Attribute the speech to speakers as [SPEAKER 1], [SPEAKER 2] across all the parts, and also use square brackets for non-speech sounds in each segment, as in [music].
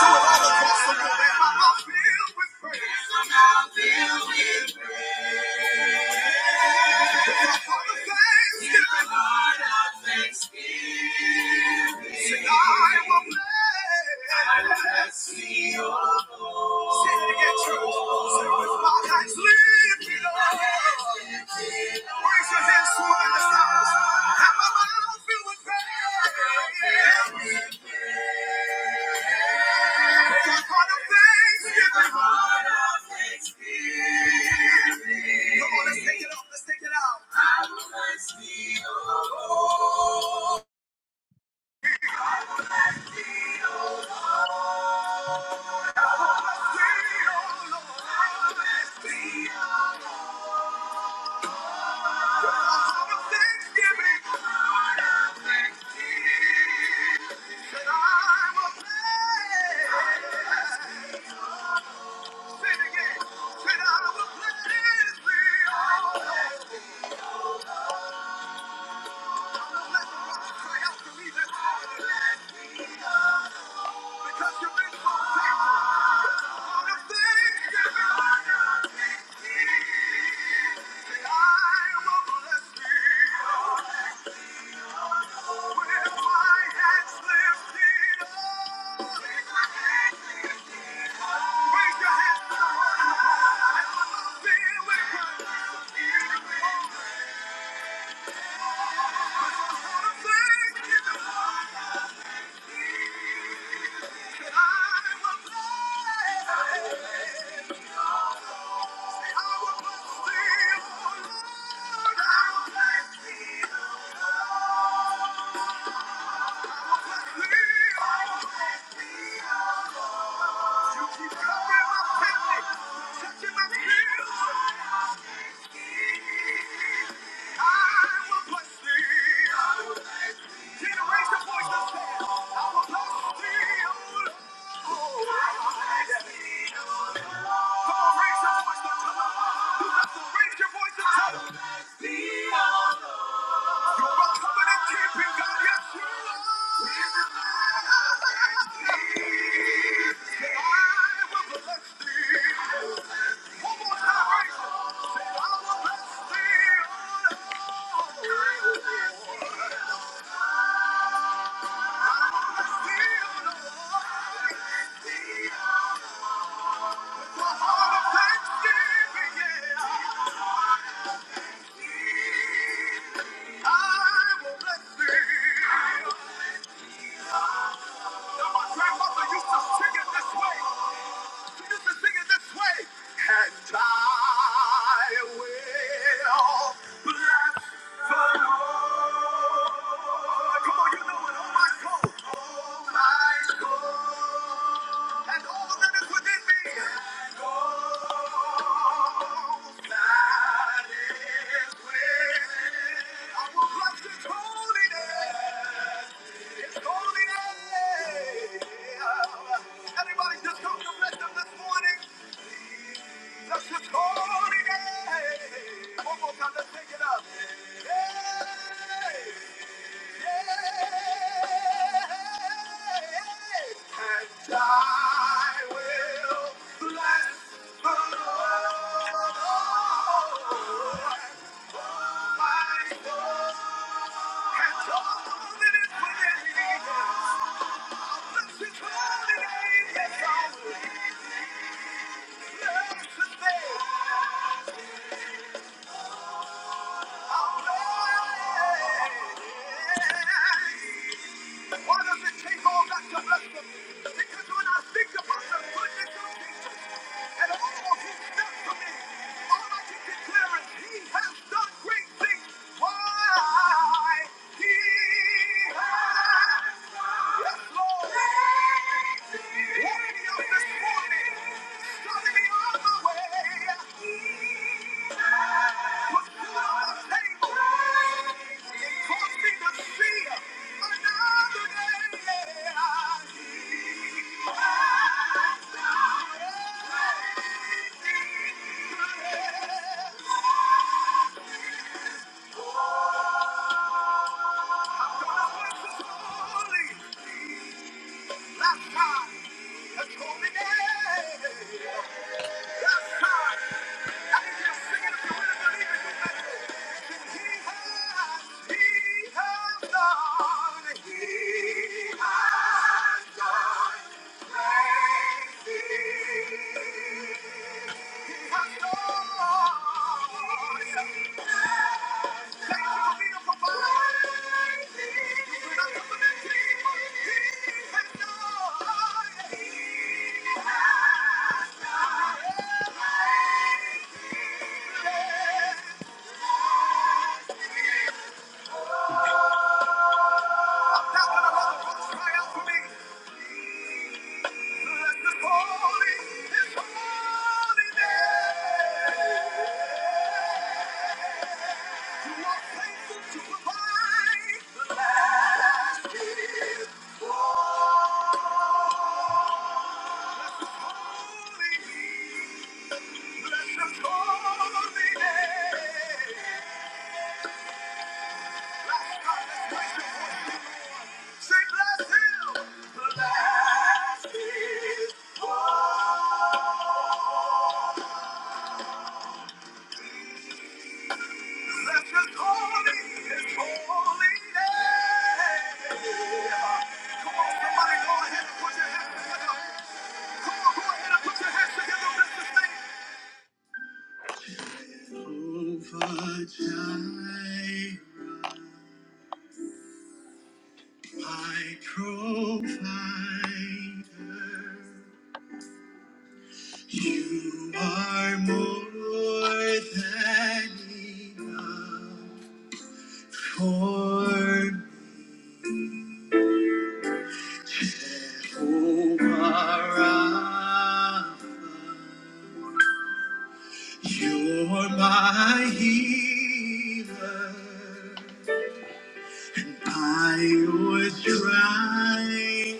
[SPEAKER 1] Raise your hands to the sky let's Thank you. Thank you. Thank you. You keep covering my family, touching my kids. I will bless thee. I will bless thee, Come on, raise your voice and tell 'em. You have raise your voice I will bless thee, I will bless thee. I will bless thee. my grandmother used to sing it this way. She used to sing it this way. And I will bless the Lord. Come on, you know it. Oh my soul. Oh my soul. And all that is within me. And all that is within. me, I will bless His holy name. His holy name. Everybody just come to bless them this morning. That's his holy name. One more time, let's take it up. Hey. Yes, I Yeah. Why does it take all that to bless them? Because when I think about the goodness of Jesus and all he's done for me, all I can declare is he has done great things. Why? He yeah. He has done. he has done, crazy. I'm not going let the folks cry out for me. Bless his holy, his holy name. Say Bless him, bless his holy Bless His holy, His holy name. Come on, somebody, go ahead and put your hands together. Come on, go ahead and put your hands together. Bless His name. My provider, you are more than enough for me. Oh, my Rapha. You're my healer. I was trying,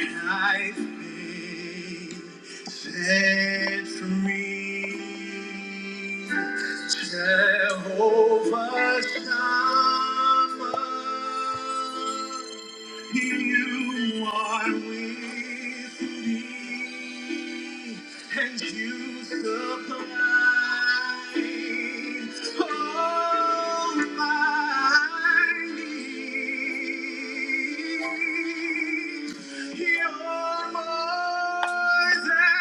[SPEAKER 1] and I've been set free. Jehovah Shammah, you are with me, and you supply all my needs. You're more than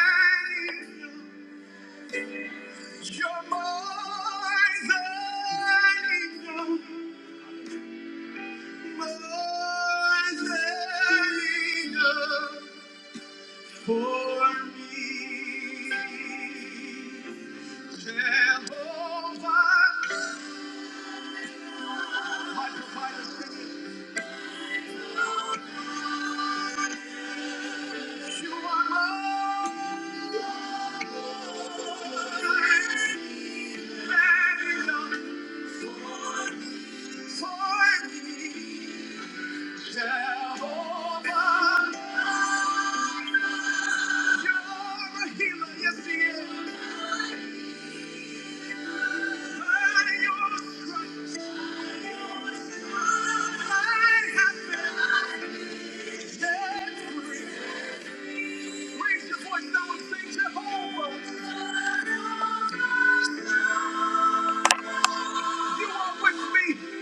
[SPEAKER 1] enough. you're more than enough, more than enough. For me, Jehovah, my provider, sing it. you are my provider. For me, Jehovah, you're a healer, yes, he is. By your stripes, I have been set free. Raise your voice now and sing Jehovah. You are with me.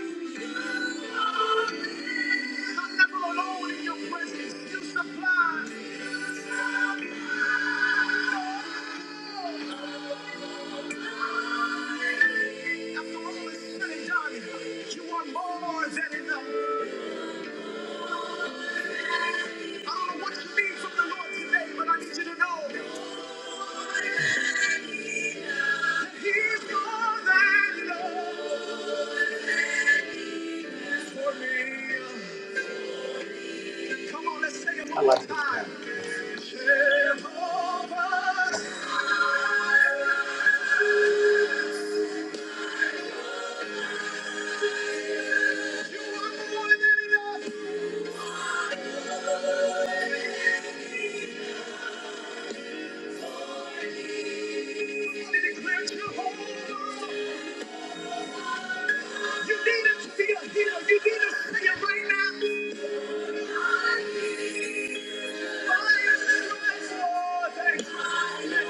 [SPEAKER 1] I'm never alone in your presence. You supply. After all is said and done, you are more than enough. I don't know what you need from the Lord today, but I need you to know that He's more than enough. Come on, let's sing it one I like more this time. right Thank you.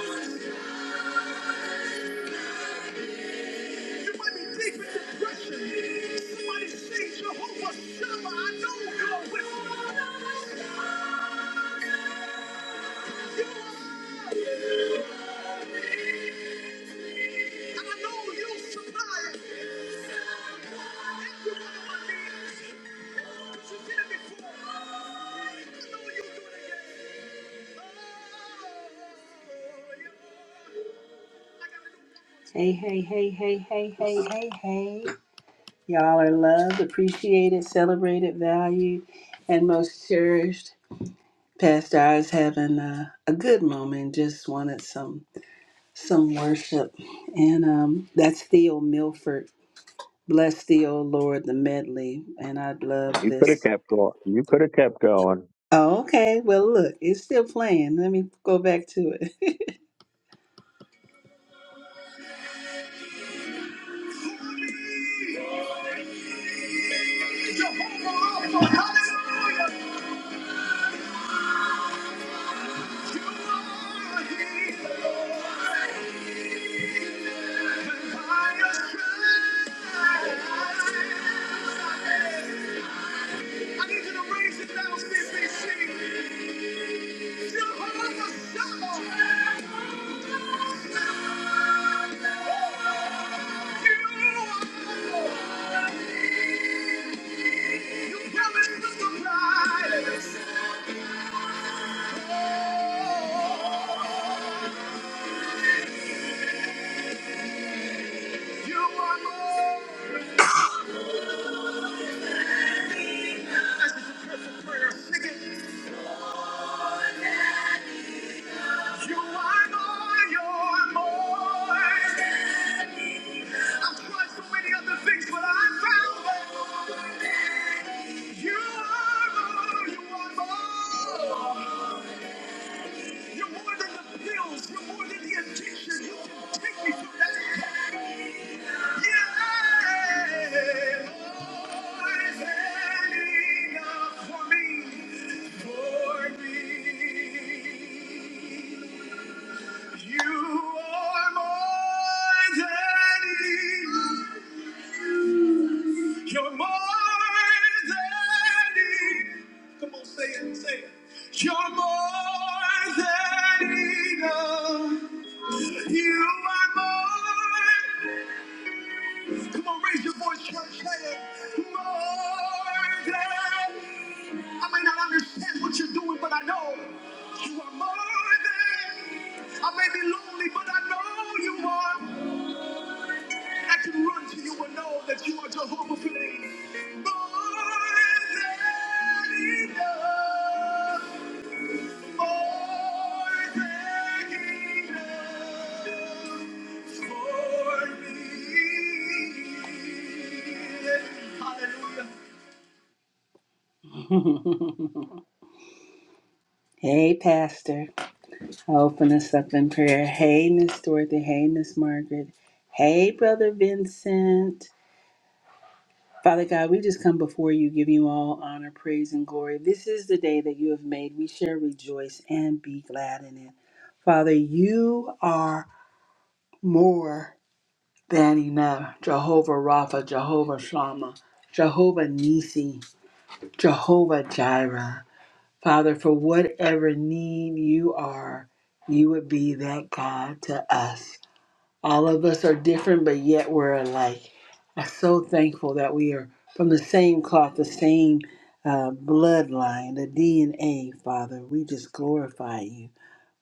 [SPEAKER 1] You might be deep in depression. Somebody sing Jehovah Shammah. I know you're with me. And I know you'll supply every one of my needs. 'Cause you did it before. I know you'll do it again. Oh, yeah. I gotta do one more Hey, hey, hey, hey, hey, hey, hey, hey. Y'all are loved, appreciated, celebrated, valued, and most cherished. Pastor I was having a, a good moment, just wanted some some worship. And um, that's Theo Milford. Bless thee, O Lord, the medley. And I love
[SPEAKER 2] You could have
[SPEAKER 1] this.
[SPEAKER 2] kept going. You could have kept going.
[SPEAKER 1] Oh, okay. Well, look, it's still playing. Let me go back to it. [laughs] Jehovah Rapha, hallelujah. You are more. This is a perfect prayer. Sing it. You are more, you're more. I've tried so many other things, but I found that you are more, you are more. You're more than the pills. You're more than the addiction. You can take me through that. Yeah, more than enough for me. For me. You are more than enough. You're more than enough. Come on, say it, say it. You're more than enough. You are more. Come on, raise your voice, church. Say it. More than. I may not understand what you're doing, but I know you are more than. I may be lonely, but I know you are. I can run to you and know that you are Jehovah for me. More than enough. More than enough for me. Hallelujah. [laughs] Hey, Pastor. I Open us up in prayer. Hey, Miss Dorothy. Hey, Miss Margaret. Hey, Brother Vincent. Father God, we just come before you, giving you all honor, praise, and glory. This is the day that you have made. We shall rejoice and be glad in it. Father, you are more than enough. Jehovah Rapha, Jehovah Shammah, Jehovah Nisi, Jehovah Jireh. Father, for whatever need you are, you would be that God to us. All of us are different, but yet we're alike. I'm so thankful that we are from the same cloth, the same uh, bloodline, the DNA, Father. We just glorify you.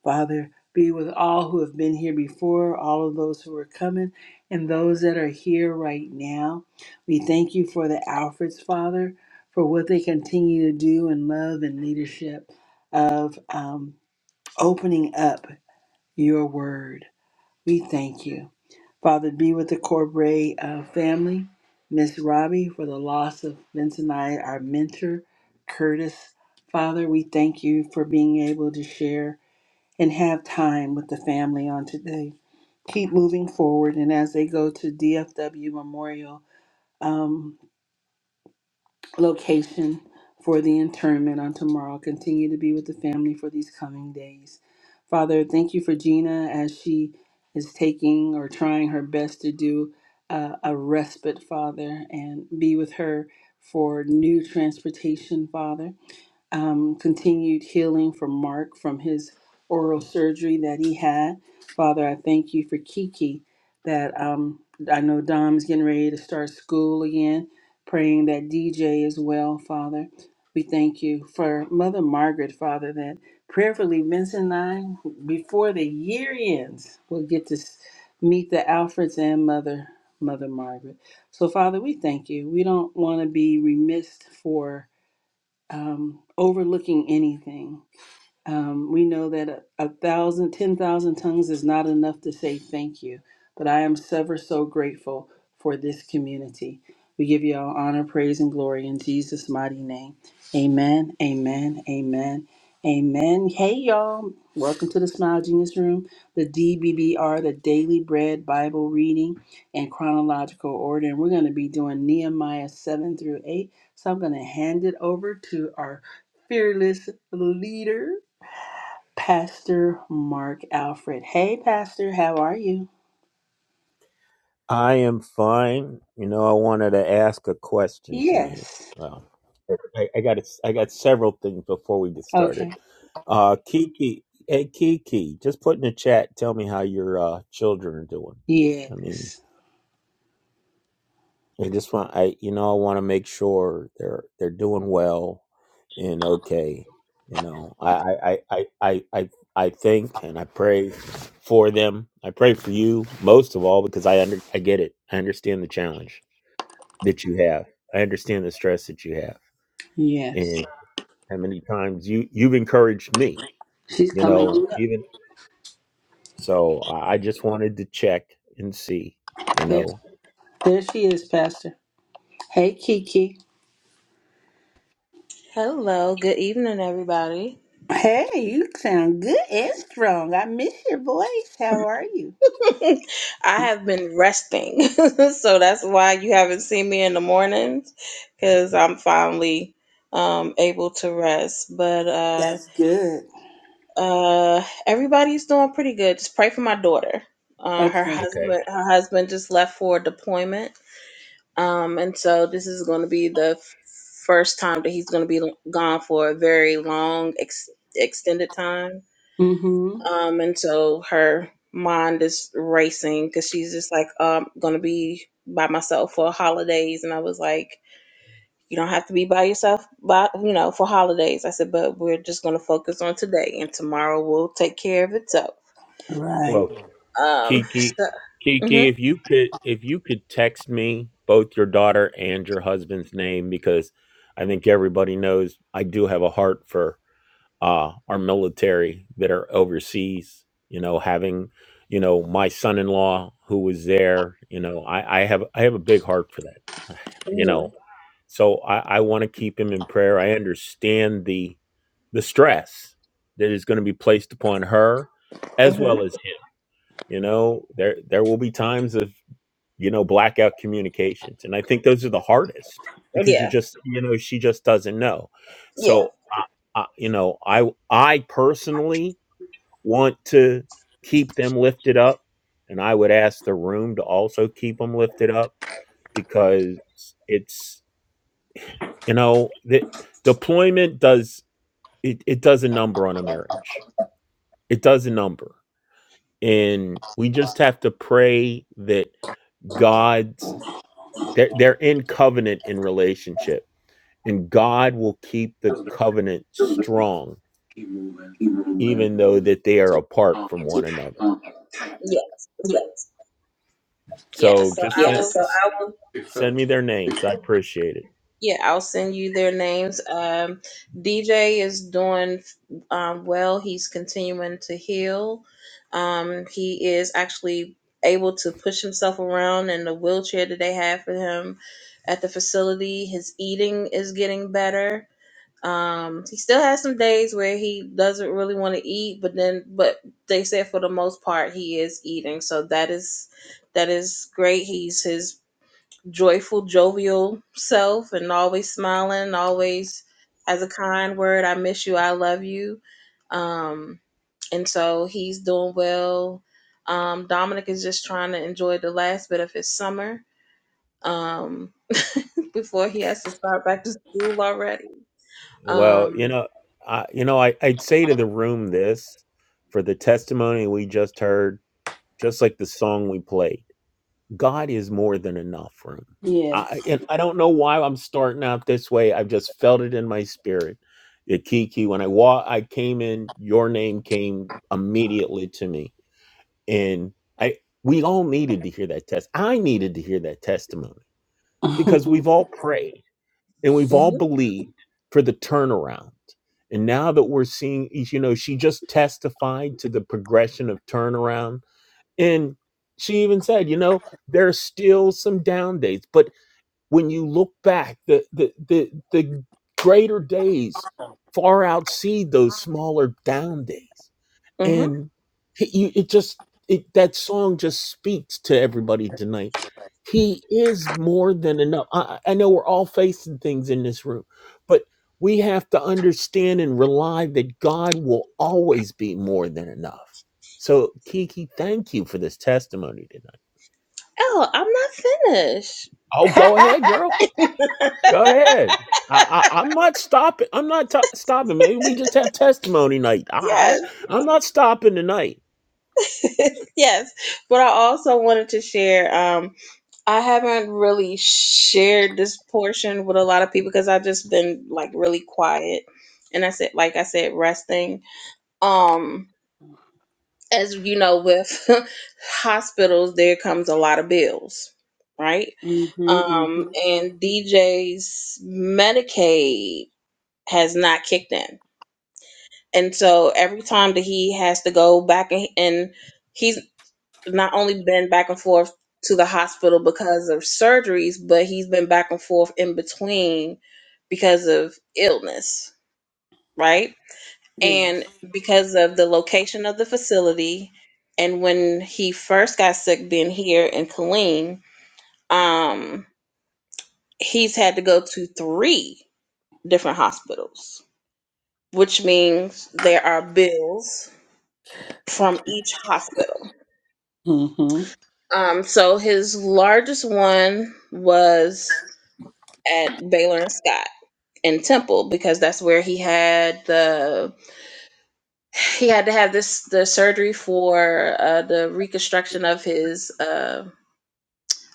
[SPEAKER 1] Father, be with all who have been here before, all of those who are coming, and those that are here right now. We thank you for the Alfreds, Father, for what they continue to do in love and leadership of um, opening up your word. We thank you. Father, be with the Corbray uh, family, Miss Robbie, for the loss of Vince and I, our mentor, Curtis. Father, we thank you for being able to share and have time with the family on today. Keep moving forward, and as they go to DFW Memorial, um, location for the internment on tomorrow. Continue to be with the family for these coming days. Father, thank you for Gina as she is taking or trying her best to do uh, a respite, Father, and be with her for new transportation, Father. Um, continued healing for Mark from his oral surgery that he had. Father, I thank you for Kiki that um, I know Dom's getting ready to start school again praying that DJ is well, Father. We thank you for Mother Margaret, Father, that prayerfully Vincent and I, before the year ends, will get to s- meet the Alfreds and Mother Mother Margaret. So, Father, we thank you. We don't want to be remiss for um, overlooking anything. Um, we know that a, a thousand, ten thousand tongues is not enough to say thank you, but I am ever so grateful for this community. We give you all honor, praise, and glory in Jesus' mighty name. Amen, amen, amen, amen. Hey, y'all. Welcome to the Smile Genius Room, the DBBR, the Daily Bread Bible Reading in Chronological Order. And we're going to be doing Nehemiah 7 through 8. So I'm going to hand it over to our fearless leader. Pastor Mark Alfred. Hey, Pastor, how are you?
[SPEAKER 2] I am fine. You know, I wanted to ask a question tonight.
[SPEAKER 1] Yes.
[SPEAKER 2] Well, I, I got I got several things before we get started.
[SPEAKER 1] Okay.
[SPEAKER 2] Uh, Kiki, hey Kiki, just put in the chat. Tell me how your uh, children are doing. I mean,
[SPEAKER 1] Yes.
[SPEAKER 2] I just want I you know I want to make sure they're they're doing well and okay. You know, I I I I I I I think and I pray for them. I pray for you most of all because I under I get it. I understand the challenge that you have. I understand the stress that you have.
[SPEAKER 1] Yes.
[SPEAKER 2] And how many times you you've encouraged me,
[SPEAKER 1] She's
[SPEAKER 2] you
[SPEAKER 1] coming
[SPEAKER 2] know,
[SPEAKER 1] on up.
[SPEAKER 2] even so I I just wanted to check and see, you
[SPEAKER 1] There,
[SPEAKER 2] know.
[SPEAKER 1] there she is, Pastor. Hey, Kiki.
[SPEAKER 3] Hello, good evening, everybody.
[SPEAKER 1] Hey, you sound good and strong. I miss your voice. How are you?
[SPEAKER 3] [laughs] I have been resting, [laughs] so that's why you haven't seen me in the mornings because I'm finally um, able to rest. But uh,
[SPEAKER 1] That's good.
[SPEAKER 3] uh, everybody's doing pretty good. Just pray for my daughter. Uh, her
[SPEAKER 1] Okay.
[SPEAKER 2] Okay.
[SPEAKER 3] husband, her husband just left for deployment, um, and so this is going to be the first time that he's going to be gone for a very long, ex- extended time
[SPEAKER 1] Mm-hmm.
[SPEAKER 3] Um, and so her mind is racing because she's just like, um, gonna be by myself for holidays. And I was like, you don't have to be by yourself, by you know, for holidays. I said, but we're just gonna focus on today, and tomorrow will take care of itself.
[SPEAKER 1] Right.
[SPEAKER 2] Well.
[SPEAKER 3] Um, [laughs]
[SPEAKER 2] Kiki,
[SPEAKER 3] so, hmm
[SPEAKER 2] Kiki, if you could, if you could text me both your daughter and your husband's name, because I think everybody knows I do have a heart for uh, our military that are overseas. You know, having, you know, my son-in-law who was there. You know, I, I have, I have a big heart for that. [sighs] You
[SPEAKER 3] hmm
[SPEAKER 2] know, so I, I want to keep him in prayer. I understand the, the stress that is going to be placed upon her, as
[SPEAKER 3] hmm
[SPEAKER 2] well as you know there there will be times of you know blackout communications and i think those are the hardest because you
[SPEAKER 3] yeah,
[SPEAKER 2] just you know she just doesn't know
[SPEAKER 3] yeah,
[SPEAKER 2] so I, I, you know i i personally want to keep them lifted up and i would ask the room to also keep them lifted up because it's you know the deployment does it, it does a number on a marriage it does a number and we just have to pray that God They're, they're in covenant in relationship, and God will keep the covenant strong, even though that they are apart from one another.
[SPEAKER 3] yeah, yeah.
[SPEAKER 2] So
[SPEAKER 3] So
[SPEAKER 2] just
[SPEAKER 3] I
[SPEAKER 2] send,
[SPEAKER 3] will.
[SPEAKER 2] send me their names. I appreciate it.
[SPEAKER 3] Yeah, I'll send you their names. Um, DJ is doing um, well. He's continuing to heal. Um, he is actually able to push himself around in the wheelchair that they have for him at the facility. His eating is getting better. Um, he still has some days where he doesn't really want to eat, but then, but they said for the most part he is eating, so that is that is great. He's his joyful, jovial self and always smiling, always has a kind word. I miss you. I love you. Um, and so he's doing well. Um, Dominic is just trying to enjoy the last bit of his summer um, [laughs] before he has to start back to school already.
[SPEAKER 2] Well, you
[SPEAKER 3] Um,
[SPEAKER 2] know, I, you know, I, I'd say to the room this for the testimony we just heard, just like the song we played. God is more than enough room.
[SPEAKER 1] Yes.
[SPEAKER 2] I and I don't know why I'm starting out this way. I've just felt it in my spirit. The Kiki, when I wa- I came in, your name came immediately to me. And I we all needed to hear that test. I needed to hear that testimony
[SPEAKER 1] [laughs]
[SPEAKER 2] because we've all prayed and we've
[SPEAKER 3] hmm
[SPEAKER 2] all believed for the turnaround. And now that we're seeing, you know, she just testified to the progression of turnaround and she even said, you know, there's still some down days, but when you look back, the the the, the greater days far outseed those smaller down days
[SPEAKER 3] hmm
[SPEAKER 2] and he, you, it just it, that song just speaks to everybody tonight he is more than enough I, I I know we're all facing things in this room but we have to understand and rely that god will always be more than enough so kiki thank you for this testimony tonight
[SPEAKER 3] Oh, I'm not finished.
[SPEAKER 2] oh go ahead girl go ahead I, I, I'm not stopping. I'm not t- stopping. Maybe we just have testimony night. I,
[SPEAKER 3] Yes,
[SPEAKER 2] I, I'm not stopping tonight.
[SPEAKER 3] [laughs] yes. But I also wanted to share. Um, I haven't really shared this portion with a lot of people because I've just been like really quiet. And I said, like I said, resting. Um, as you know, with [laughs] hospitals, there comes a lot of bills, right?
[SPEAKER 1] Mm-hmm.
[SPEAKER 3] Um,
[SPEAKER 1] Mm-hmm.
[SPEAKER 3] and DJ's Medicaid has not kicked in. And so every time that he has to go back and, and he's not only been back and forth to the hospital because of surgeries, but he's been back and forth in between because of illness, right?
[SPEAKER 1] Yes.
[SPEAKER 3] And because of the location of the facility and when he first got sick being here in Killeen, um, he's had to go to three different hospitals, which means there are bills from each hospital.
[SPEAKER 1] Mm-hmm.
[SPEAKER 3] Um, so his largest one was at Baylor and Scott and Temple because that's where he had the he had to have this the surgery for uh, the reconstruction of his uh,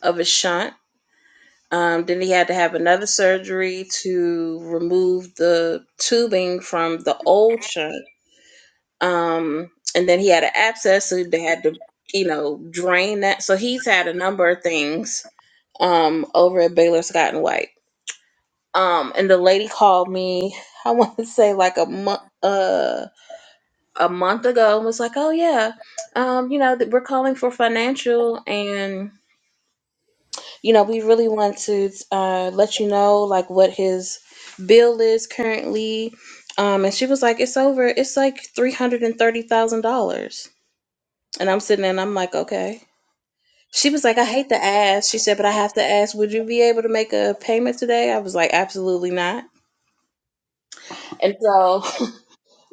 [SPEAKER 3] of his shunt. Um, then he had to have another surgery to remove the tubing from the old shunt. Um, and then he had an abscess, so they had to you know drain that. So he's had a number of things um, over at Baylor Scott and White. Um, and the lady called me. [laughs] I want to say like a month, uh, a month ago, and was like, "Oh yeah, um, you know, that we're calling for financial, and you know, we really want to uh, let you know like what his bill is currently." Um, and she was like, "It's over. It's like three hundred and thirty thousand dollars." And I'm sitting there, and I'm like, "Okay." She was like, I hate to ask. She said, but I have to ask, would you be able to make a payment today? I was like, absolutely not. And so [laughs]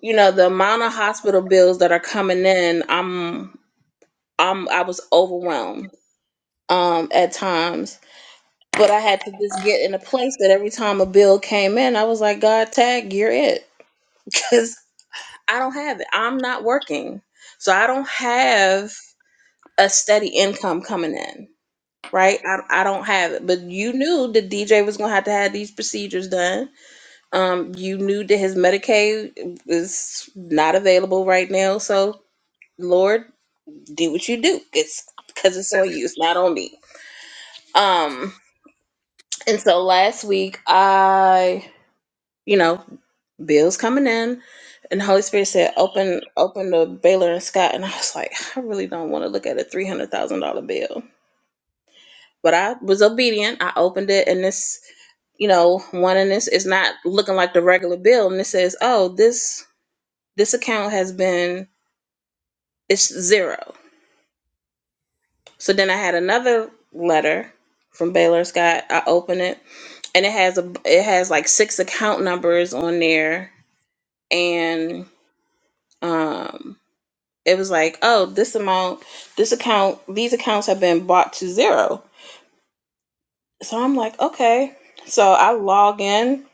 [SPEAKER 3] you know the amount of hospital bills that are coming in i'm i'm i was overwhelmed um at times but i had to just get in a place that every time a bill came in i was like god tag you're it [laughs] because i don't have it i'm not working so i don't have a steady income coming in right I, I don't have it but you knew that dj was gonna have to have these procedures done um you knew that his medicaid is not available right now so lord do what you do. It's because it's on you. It's not on me. Um, and so last week I, you know, bills coming in, and the Holy Spirit said, "Open, open the Baylor and Scott." And I was like, I really don't want to look at a three hundred thousand dollar bill. But I was obedient. I opened it, and this, you know, one in this is not looking like the regular bill, and it says, "Oh, this this account has been it's zero. So then I had another letter from Baylor and Scott. I opened it and it has a it has like six account numbers on there and um it was like oh this amount this account these accounts have been bought to zero so i'm like okay so i log in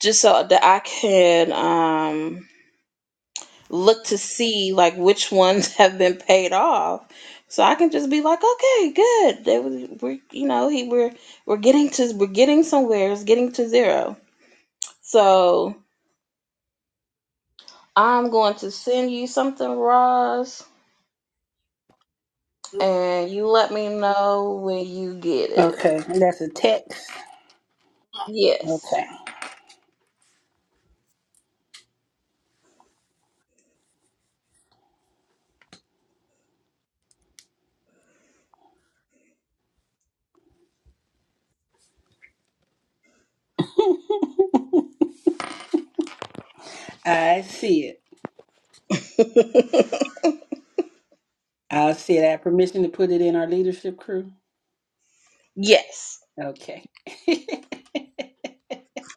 [SPEAKER 3] just so that i can um look to see like which ones [laughs] have been paid off so i can just be like okay good they was we're you know he we're we're getting to we're getting somewhere it's getting to zero so I'm going to send you something, Roz, and you let me know when you get it.
[SPEAKER 1] Okay. That's a text. Okay.
[SPEAKER 3] Yes.
[SPEAKER 1] I see it.
[SPEAKER 3] [laughs]
[SPEAKER 1] I'll say that permission to put it in our leadership crew.
[SPEAKER 3] yes.
[SPEAKER 1] Okay. [laughs]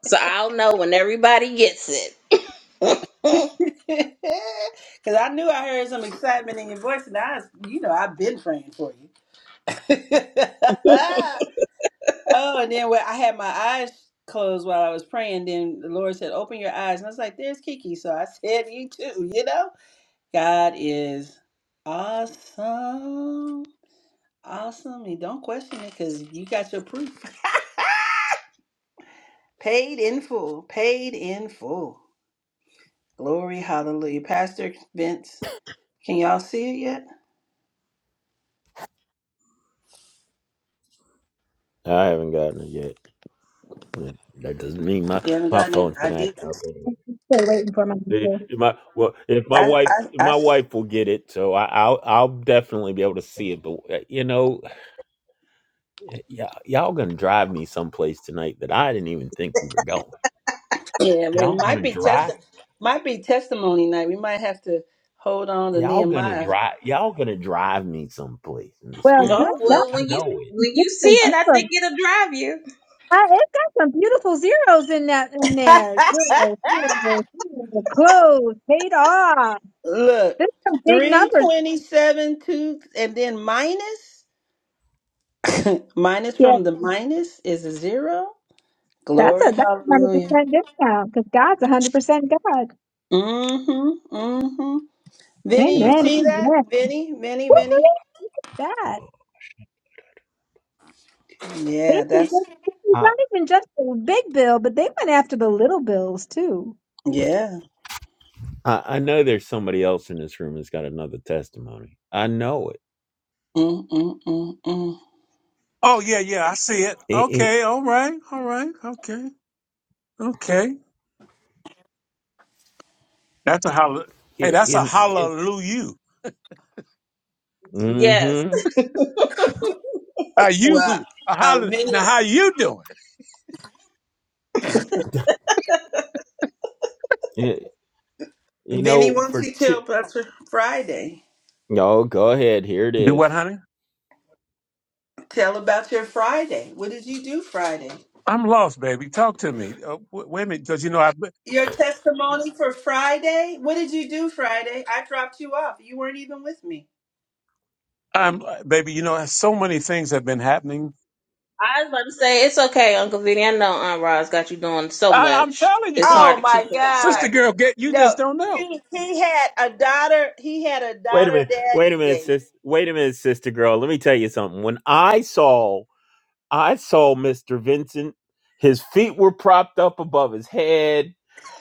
[SPEAKER 3] So I'll know when everybody gets it. [laughs] oh
[SPEAKER 1] Because I knew I heard some excitement in your voice, and I, you know, I've been praying for you. [laughs] oh, and then when I had my eyes closed while I was praying, then the Lord said, "Open your eyes," and I was like, "There's Kiki." So I [laughs] said, "You too." You know, God is awesome, awesome. You don't question it because you got your proof. [laughs] Paid in full. Paid in full. Glory, hallelujah. Pastor Vince, can y'all see it yet?
[SPEAKER 2] I haven't gotten it yet. Mm, That doesn't mean my,
[SPEAKER 1] You haven't
[SPEAKER 2] my
[SPEAKER 1] gotten it?
[SPEAKER 2] phone's
[SPEAKER 1] I
[SPEAKER 2] been
[SPEAKER 1] did.
[SPEAKER 2] acting up anyway.
[SPEAKER 4] Still waiting for my
[SPEAKER 2] Eh,
[SPEAKER 4] too.
[SPEAKER 2] eh, My well, if my
[SPEAKER 1] I,
[SPEAKER 2] wife
[SPEAKER 1] I, I,
[SPEAKER 2] my wife will get it, so I, I'll I'll definitely be able to see it. But eh, you know, eh, y'all y'all gonna drive me someplace tonight that I didn't even think we were going.
[SPEAKER 1] yeah, well, it
[SPEAKER 2] Y'all
[SPEAKER 1] might
[SPEAKER 2] gonna
[SPEAKER 1] be
[SPEAKER 2] drive?
[SPEAKER 1] testi- might be testimony night. We might have to hold on to
[SPEAKER 2] Y'all gonna
[SPEAKER 1] Nehemiah.
[SPEAKER 2] drive? Y'all gonna drive me someplace in the
[SPEAKER 4] Well, good
[SPEAKER 1] Mm.
[SPEAKER 2] spirit?
[SPEAKER 4] God,
[SPEAKER 3] well,
[SPEAKER 2] I
[SPEAKER 3] when you
[SPEAKER 2] know it.
[SPEAKER 3] when you see
[SPEAKER 4] beautiful
[SPEAKER 2] I
[SPEAKER 3] it, I think
[SPEAKER 4] zeros.
[SPEAKER 3] it'll drive you.
[SPEAKER 4] I, it's got some beautiful zeros in that in there.
[SPEAKER 1] [laughs]
[SPEAKER 4] Zero, zero, zero, close, paid off.
[SPEAKER 1] Look,
[SPEAKER 4] There's some big numbers.
[SPEAKER 1] 327, two, and then minus, [laughs] [coughs] minus
[SPEAKER 4] Yeah,
[SPEAKER 1] from the minus is a zero.
[SPEAKER 4] that's
[SPEAKER 1] Glory,
[SPEAKER 4] a that's a hundred
[SPEAKER 1] hallelujah.
[SPEAKER 4] percent discount because God's a hundred percent God.
[SPEAKER 1] Mm-hmm, mm-hmm.
[SPEAKER 2] you
[SPEAKER 1] Vinny, you
[SPEAKER 2] know.
[SPEAKER 4] Amen.
[SPEAKER 1] see that?
[SPEAKER 4] Amen.
[SPEAKER 1] Vinny, Vinny,
[SPEAKER 4] Who
[SPEAKER 2] [sighs]
[SPEAKER 1] Vinny.
[SPEAKER 4] believes that? They
[SPEAKER 1] Yeah,
[SPEAKER 4] didn't
[SPEAKER 1] that's
[SPEAKER 4] just- it's
[SPEAKER 2] I,
[SPEAKER 4] not even just the big bill, but they went after the little bills too.
[SPEAKER 1] Yeah.
[SPEAKER 2] I I know there's somebody else in this room that's got another testimony. I know it.
[SPEAKER 1] Mm, mm, mm, mm.
[SPEAKER 5] Oh yeah, yeah, I see it.
[SPEAKER 2] It,
[SPEAKER 5] Okay, all right, all right, okay, okay. That's a holla. Hey, that's a
[SPEAKER 2] it, it,
[SPEAKER 5] hallelujah.
[SPEAKER 3] Yes.
[SPEAKER 2] Mm-hmm.
[SPEAKER 5] How you?
[SPEAKER 1] Well,
[SPEAKER 5] A
[SPEAKER 1] uh,
[SPEAKER 5] holla. Now,
[SPEAKER 1] Vinny,
[SPEAKER 5] how you doing?
[SPEAKER 2] Y- you
[SPEAKER 1] Vinny,
[SPEAKER 2] know,
[SPEAKER 1] why don't
[SPEAKER 2] for
[SPEAKER 1] you
[SPEAKER 2] two.
[SPEAKER 1] tell about your Friday?
[SPEAKER 2] No, go ahead. Here it
[SPEAKER 5] Do
[SPEAKER 2] is.
[SPEAKER 5] what, honey?
[SPEAKER 1] Tell about your Friday. What did you do Friday?
[SPEAKER 5] I'm lost, baby. Talk to me. Uh, w- wait a minute, because you know I,
[SPEAKER 1] Your testimony for Friday? What did you do Friday? I dropped you off. You weren't even with me.
[SPEAKER 5] I'm, uh, baby. You know, so many things have been happening.
[SPEAKER 3] I was about to say it's okay, Uncle Vinny. I know Aunt Roz got you doing so
[SPEAKER 5] I, I'm
[SPEAKER 3] much.
[SPEAKER 5] telling
[SPEAKER 3] It's
[SPEAKER 5] you,
[SPEAKER 3] hard
[SPEAKER 1] Oh
[SPEAKER 3] to keep
[SPEAKER 1] my
[SPEAKER 3] up, right?
[SPEAKER 1] God.
[SPEAKER 5] sister girl, get you just
[SPEAKER 1] No.
[SPEAKER 5] don't know.
[SPEAKER 1] He he had a daughter he had a
[SPEAKER 2] Wait a
[SPEAKER 1] daughter
[SPEAKER 2] minute. Wait a
[SPEAKER 1] daddy
[SPEAKER 2] minute,
[SPEAKER 1] day.
[SPEAKER 2] sis. Wait a minute, sister girl. Let me tell you something. When I saw, I saw Mister Vincent. His feet were propped up above his head.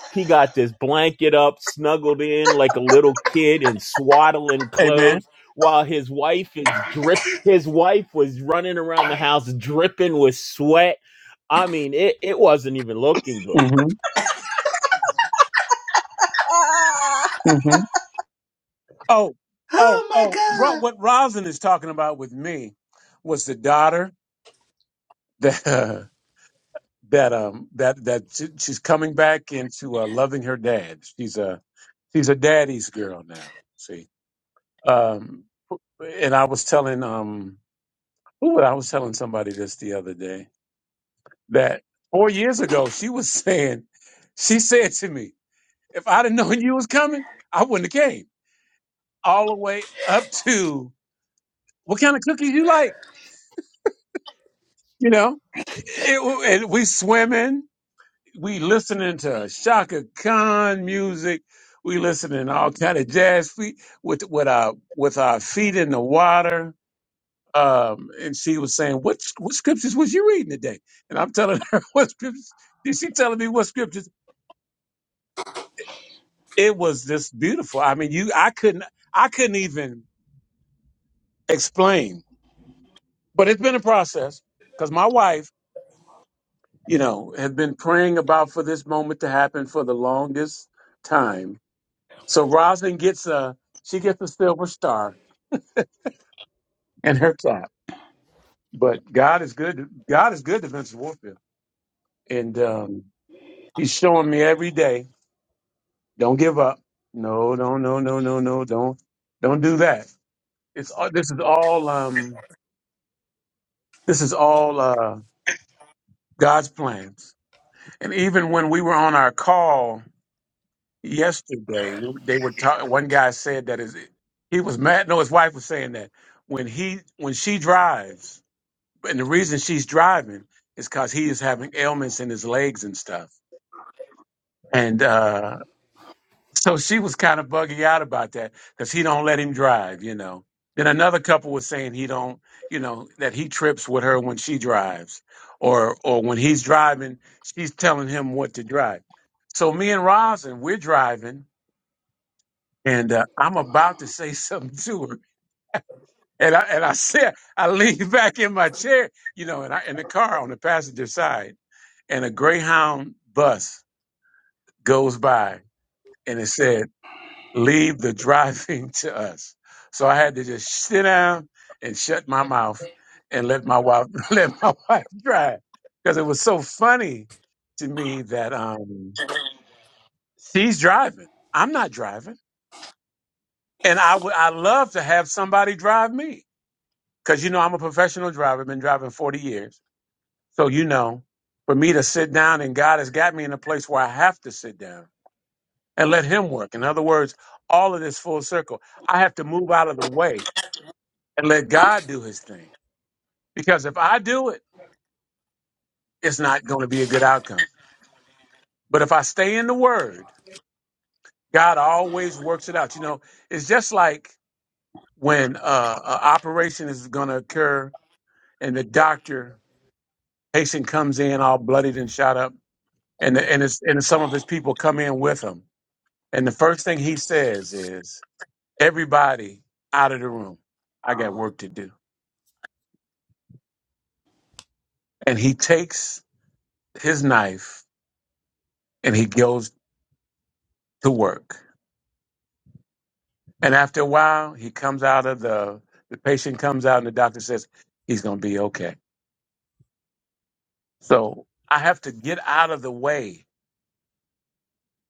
[SPEAKER 2] He got this blanket up, snuggled in like a little kid in swaddling
[SPEAKER 5] Amen.
[SPEAKER 2] clothes, while his wife is drip. His wife was running around the house dripping with sweat. I mean, it, it wasn't even looking good.
[SPEAKER 5] Mm-hmm.
[SPEAKER 3] [laughs] Ah.
[SPEAKER 5] Mm-hmm. Oh, oh,
[SPEAKER 1] Oh my
[SPEAKER 5] oh. Ro-
[SPEAKER 1] God.
[SPEAKER 5] What Rosin is talking about with me was the daughter. [laughs] that um that that she, she's coming back into uh, loving her dad. She's a she's a daddy's girl now. See, um, and I was telling um who I was telling somebody this the other day that four years ago she was [laughs] saying she said to me, if I'd have known you was coming, I wouldn't have came all the way up to what kind of cookies you like, you know. It, it- and we swimming. we listening to Shaka Khan music. We listening to all kind of jazz feet with with our with our feet in the water. Um, and she was saying, "What what scriptures was you reading today?" And I'm telling her [laughs] what scriptures. Did she telling me what scriptures? It was just beautiful. I mean, you I couldn't I couldn't even explain. But it's been a process because my wife, you know, had been praying about for this moment to happen for the longest time So Rosin gets a she gets a silver star in her cap. But God is good. God is good to Vincent Warfield, and um, He's showing me every day. Don't give up. No, no, no, no, no, no. Don't don't do that. It's all, this is all um this is all uh, God's plans. And even when we were on our call yesterday, we- they were talking. One guy said that is he was mad. No, his wife was saying that when he when she drives. and the reason she's driving is because he is having ailments in his legs and stuff. And uh, so she was kind of buggy out about that because he don't let him drive, you know. Then another couple was saying he don't, you know, that he trips with her when she drives, or or when he's driving, she's telling him what to drive. So me and Rosin, we're driving, and uh, I'm about to say [laughs] something to her, and I and I [laughs] said I lean back in my chair, you know, and I in the car on the passenger side. and a Greyhound bus goes by and it said, Leave the driving [laughs] to us. So I had to just sit down and shut my mouth and let my wife [laughs] let my wife drive. Because it was so funny to me that um, she's driving. I'm not driving. And I would I love to have somebody drive me. Cause you know I'm a professional driver, been driving 40 years. So you know, for me to sit down and God has got me in a place where I have to sit down and let him work. In other words, all of this full circle. I have to move out of the way and let God do his thing. Because if I do it, it's not going to be a good outcome. But if I stay in the word, God always works it out. You know, it's just like when uh, an operation is going to occur and the doctor patient comes in all bloodied and shot up and the, and, it's, and some of his people come in with him. And the first thing he says is, everybody out of the room. I got work to do and he takes his knife and he goes to work. And after a while, he comes out of the the patient comes out and the doctor says he's going to be okay. So I have to get out of the way.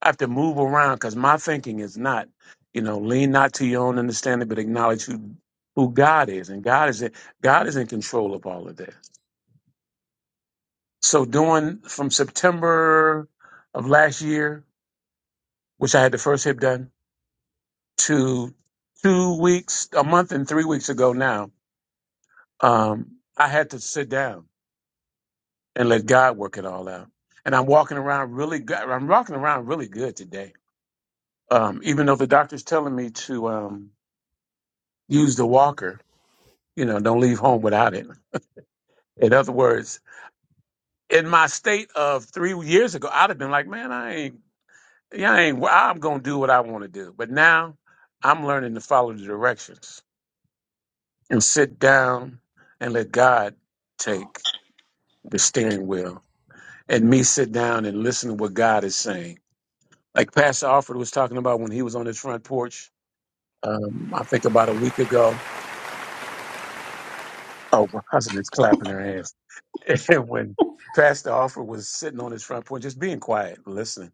[SPEAKER 5] I have to move around because my thinking is not, you know, lean not to your own understanding, but acknowledge who who God is, and God is in, God is in control of all of this. So doing from September of last year, which I had the first hip done to two weeks, a month and three weeks ago now, um, I had to sit down and let God work it all out. And I'm walking around really good. I'm walking around really good today. Um, even though the doctor's telling me to um, use the walker, you know, don't leave home without it. In other words, in my state of three years ago, I'd have been like, man, I ain't, yeah, I ain't, well, I'm going to do what I want to do. But now I'm learning to follow the directions and sit down and let God take. the steering wheel and me sit down and listen to what God is saying. Like Pastor Alfred was talking about when he was on his front porch, um, I think about a week ago. Oh, my cousin is clapping her hands. [laughs] And when Pastor Alfred was sitting on his front porch, just being quiet, listening.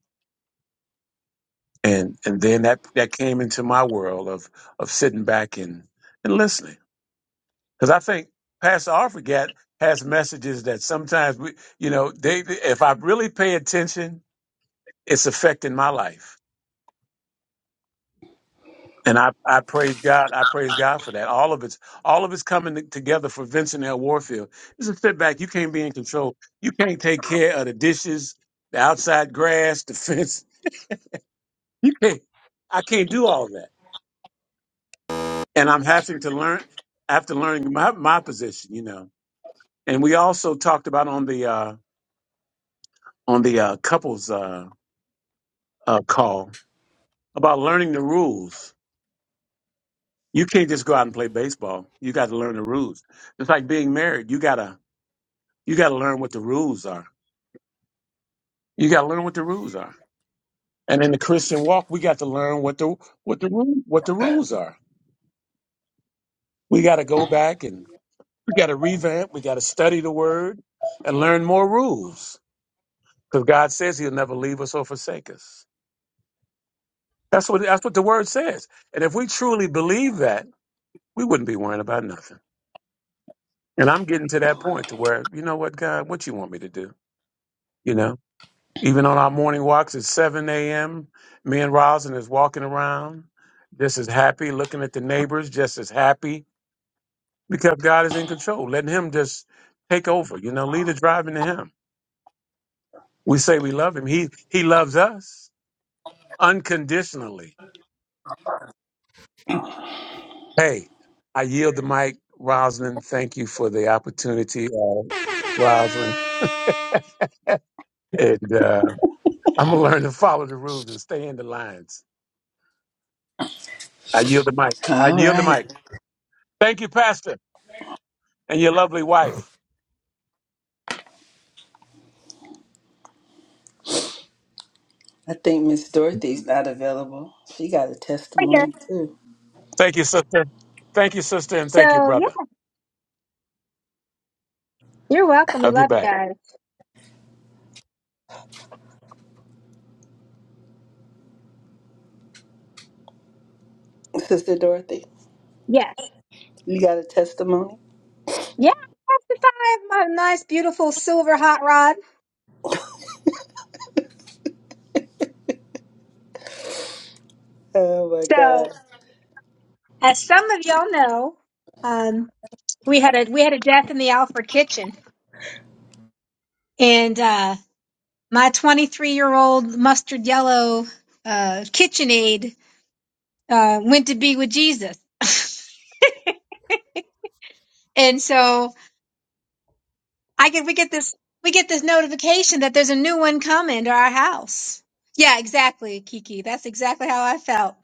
[SPEAKER 5] And and then that that came into my world of of sitting back and, and listening. Because I think Pastor Alfred got has messages that sometimes we you know, they if I really pay attention, it's affecting my life And I, I praise God. I praise God for that. All of it's all of it's coming t- together for Vincent L. Warfield. It's a setback. You can't be in control. You can't take care of the dishes, the outside grass, the [laughs] fence. You can't. I can't do all that. And I'm having to learn after learning my, my position, you know. And we also talked about on the uh, on the uh, couples uh, uh, call about learning the rules. You can't just go out and play baseball. You got to learn the rules. It's like being married. You gotta You got to learn what the rules are. You got to learn what the rules are. And in the Christian walk, we got to learn what the what the rule what the rules are. We got to go back and we got to revamp. We got to study the word and learn more rules because God says He'll never leave us or forsake us. That's what that's what the word says. And if we truly believe that, we wouldn't be worrying about nothing. And I'm getting to that point to where you know what, God, what you want me to do, you know. Even on our morning walks at 7 a.m., me and Rosin is walking around just as happy, looking at the neighbors just as happy because God is in control, letting Him just take over. You know, lead the driving to Him. We say we love Him. He He loves us unconditionally. Hey, I yield the mic, Roslyn. Thank you for the opportunity, uh, Roslyn. And uh, I'm gonna learn to follow the rules and stay in the lines. I yield the mic. I
[SPEAKER 1] All
[SPEAKER 5] yield the
[SPEAKER 1] right.
[SPEAKER 5] mic. Thank you, Pastor, and your lovely wife.
[SPEAKER 1] I think Miss Dorothy's not available. She got a
[SPEAKER 4] Right here.
[SPEAKER 1] testimony too.
[SPEAKER 5] Thank you, sister. Thank you, sister, and
[SPEAKER 4] So
[SPEAKER 5] thank you,
[SPEAKER 4] yeah,
[SPEAKER 5] brother.
[SPEAKER 4] you're welcome. We
[SPEAKER 5] Love you
[SPEAKER 4] love you
[SPEAKER 5] back.
[SPEAKER 4] guys.
[SPEAKER 1] Sister Dorothy.
[SPEAKER 4] Yes.
[SPEAKER 1] You got a testimony?
[SPEAKER 4] Yeah, that's the time. I have My nice, beautiful silver hot rod.
[SPEAKER 1] Oh my
[SPEAKER 4] So,
[SPEAKER 1] God.
[SPEAKER 4] as some of y'all know, um, we had a we had a death in the Alfred kitchen, and uh, my 23 year old mustard yellow uh, KitchenAid uh, went to be with Jesus, [laughs] and so I get we get this we get this notification that there's a new one coming to our house. Yeah, exactly, Kiki. That's exactly how I felt.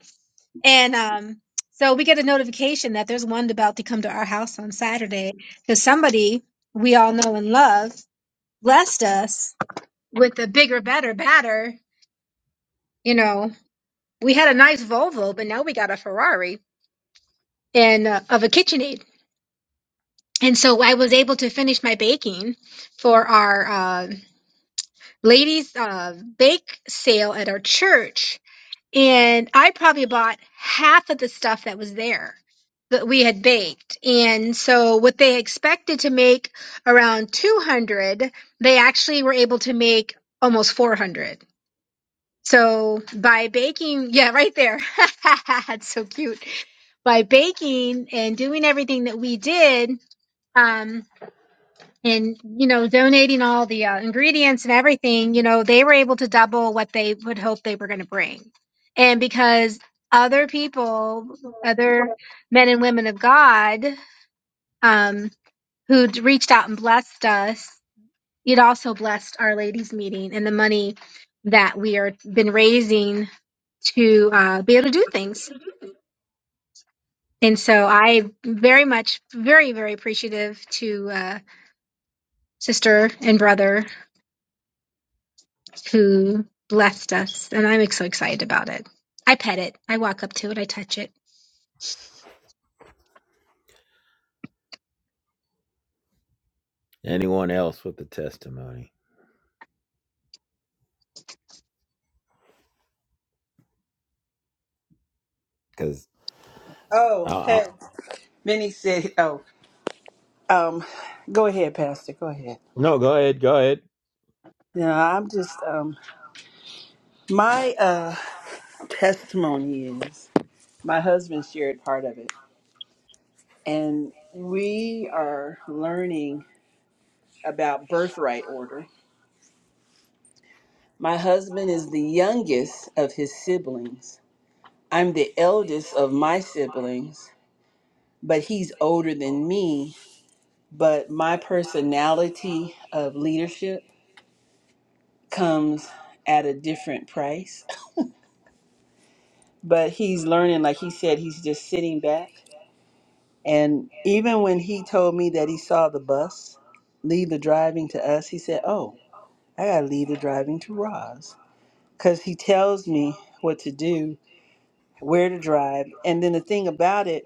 [SPEAKER 4] And um, so we get a notification that there's one about to come to our house on Saturday because somebody we all know and love blessed us with a bigger, better, batter. You know, we had a nice Volvo, but now we got a Ferrari and uh, of a KitchenAid. And so I was able to finish my baking for our uh, ladies' uh, bake sale at our church and I probably bought half of the stuff that was there that we had baked. And so what they expected to make around 200, they actually were able to make almost 400. So by baking, [laughs] yeah, right there. [laughs] That's so cute. By baking and doing everything that we did, um, and you know donating all the uh, ingredients and everything you know they were able to double what they would hope they were going to bring and because other people other men and women of god um who'd reached out and blessed us it also blessed our ladies meeting and the money that we are been raising to uh, be able to do things and so i very much very very appreciative to uh, sister and brother who blessed us, and I'm so excited about it. I pet it, I walk up to it, I touch it.
[SPEAKER 2] Anyone else with the testimony? Because
[SPEAKER 1] Oh,
[SPEAKER 2] uh,
[SPEAKER 1] hey. Minnie said, oh, um, go ahead, Pastor. Go ahead.
[SPEAKER 2] no, go ahead, go ahead.
[SPEAKER 1] No, I'm just, um, my uh, testimony is my husband shared part of it. And we are learning about birthright order. My husband is the youngest of his siblings. I'm the eldest of my siblings, but he's older than me. But my personality of leadership comes at a different price. But he's learning, like he said, he's just sitting back. And even when he told me that he saw the bus leave the driving to us, he said, Oh, I got to leave the driving to Roz. Because he tells me what to do, where to drive. And then the thing about it,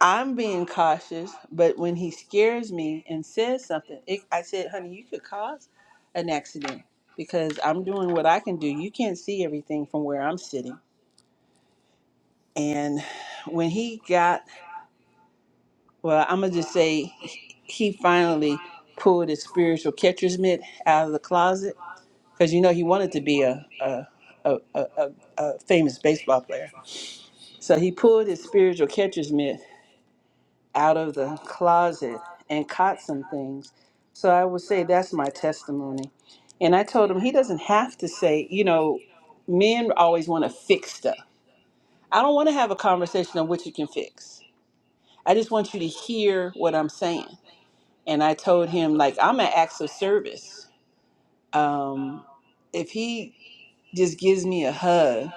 [SPEAKER 1] I'm being cautious, but when he scares me and says something, it, I said, Honey, you could cause an accident because I'm doing what I can do. You can't see everything from where I'm sitting And when he got, well, I'm going to just say he finally pulled his spiritual catcher's mitt out of the closet because, you know, he wanted to be a, a, a, a, a, a famous baseball player. So he pulled his spiritual catcher's mitt out of the closet and caught some things. So I would say that's my testimony. And I told him he doesn't have to say, you know, men always want to fix stuff. I don't want to have a conversation on what you can fix. I just want you to hear what I'm saying. And I told him, like, I'm an acts of service. Um, if he just gives me a hug,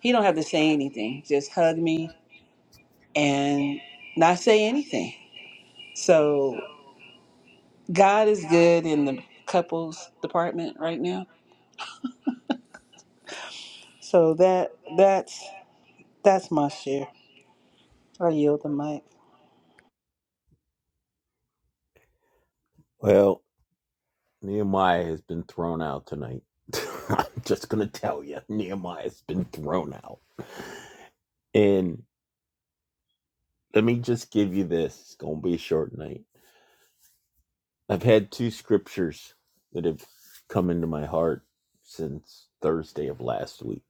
[SPEAKER 1] he don't have to say anything. Just hug me and not say anything. So God is good in the couples department right now. So that that's that's my share. I yield the mic.
[SPEAKER 2] Well, Nehemiah has been thrown out tonight. [laughs] I'm just gonna tell you, Nehemiah's been thrown out. And let me just give you this. It's gonna be a short night. I've had two scriptures that have come into my heart since Thursday of last week,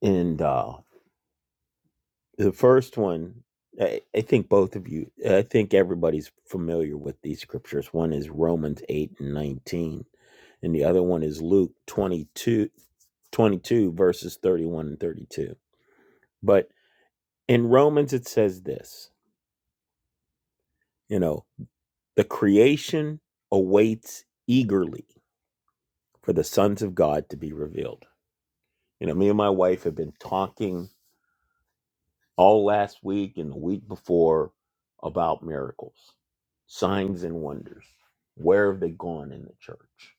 [SPEAKER 2] and uh, The first one, I, I think both of you, I think everybody's familiar with these scriptures. One is Romans 8 and 19, and the other one is Luke 22, 22 verses 31 and 32. But in Romans, it says this you know, the creation awaits eagerly for the sons of God to be revealed. You know, me and my wife have been talking all last week and the week before about miracles, signs and wonders. Where have they gone in the church?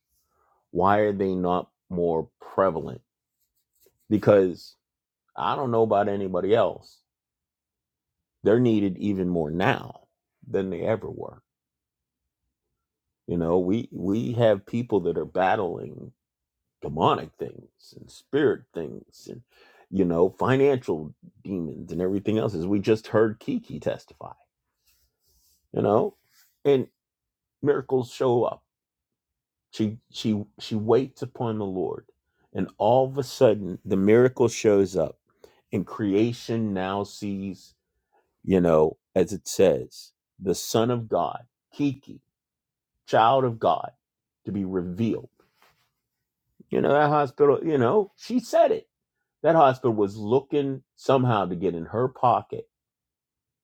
[SPEAKER 2] Why are they not more prevalent? Because I don't know about anybody else. They're needed even more now than they ever were. You know, we we have people that are battling demonic things and spirit things and you know, financial demons and everything else as we just heard Kiki testify, you know? and. miracles show up. She she she waits upon the Lord, and all of a sudden the miracle shows up, and creation now sees, you know, as it says, the Son of God, Kiki, child of God, to be revealed. You know, that hospital, you know, she said it. That hospital was looking somehow to get in her pocket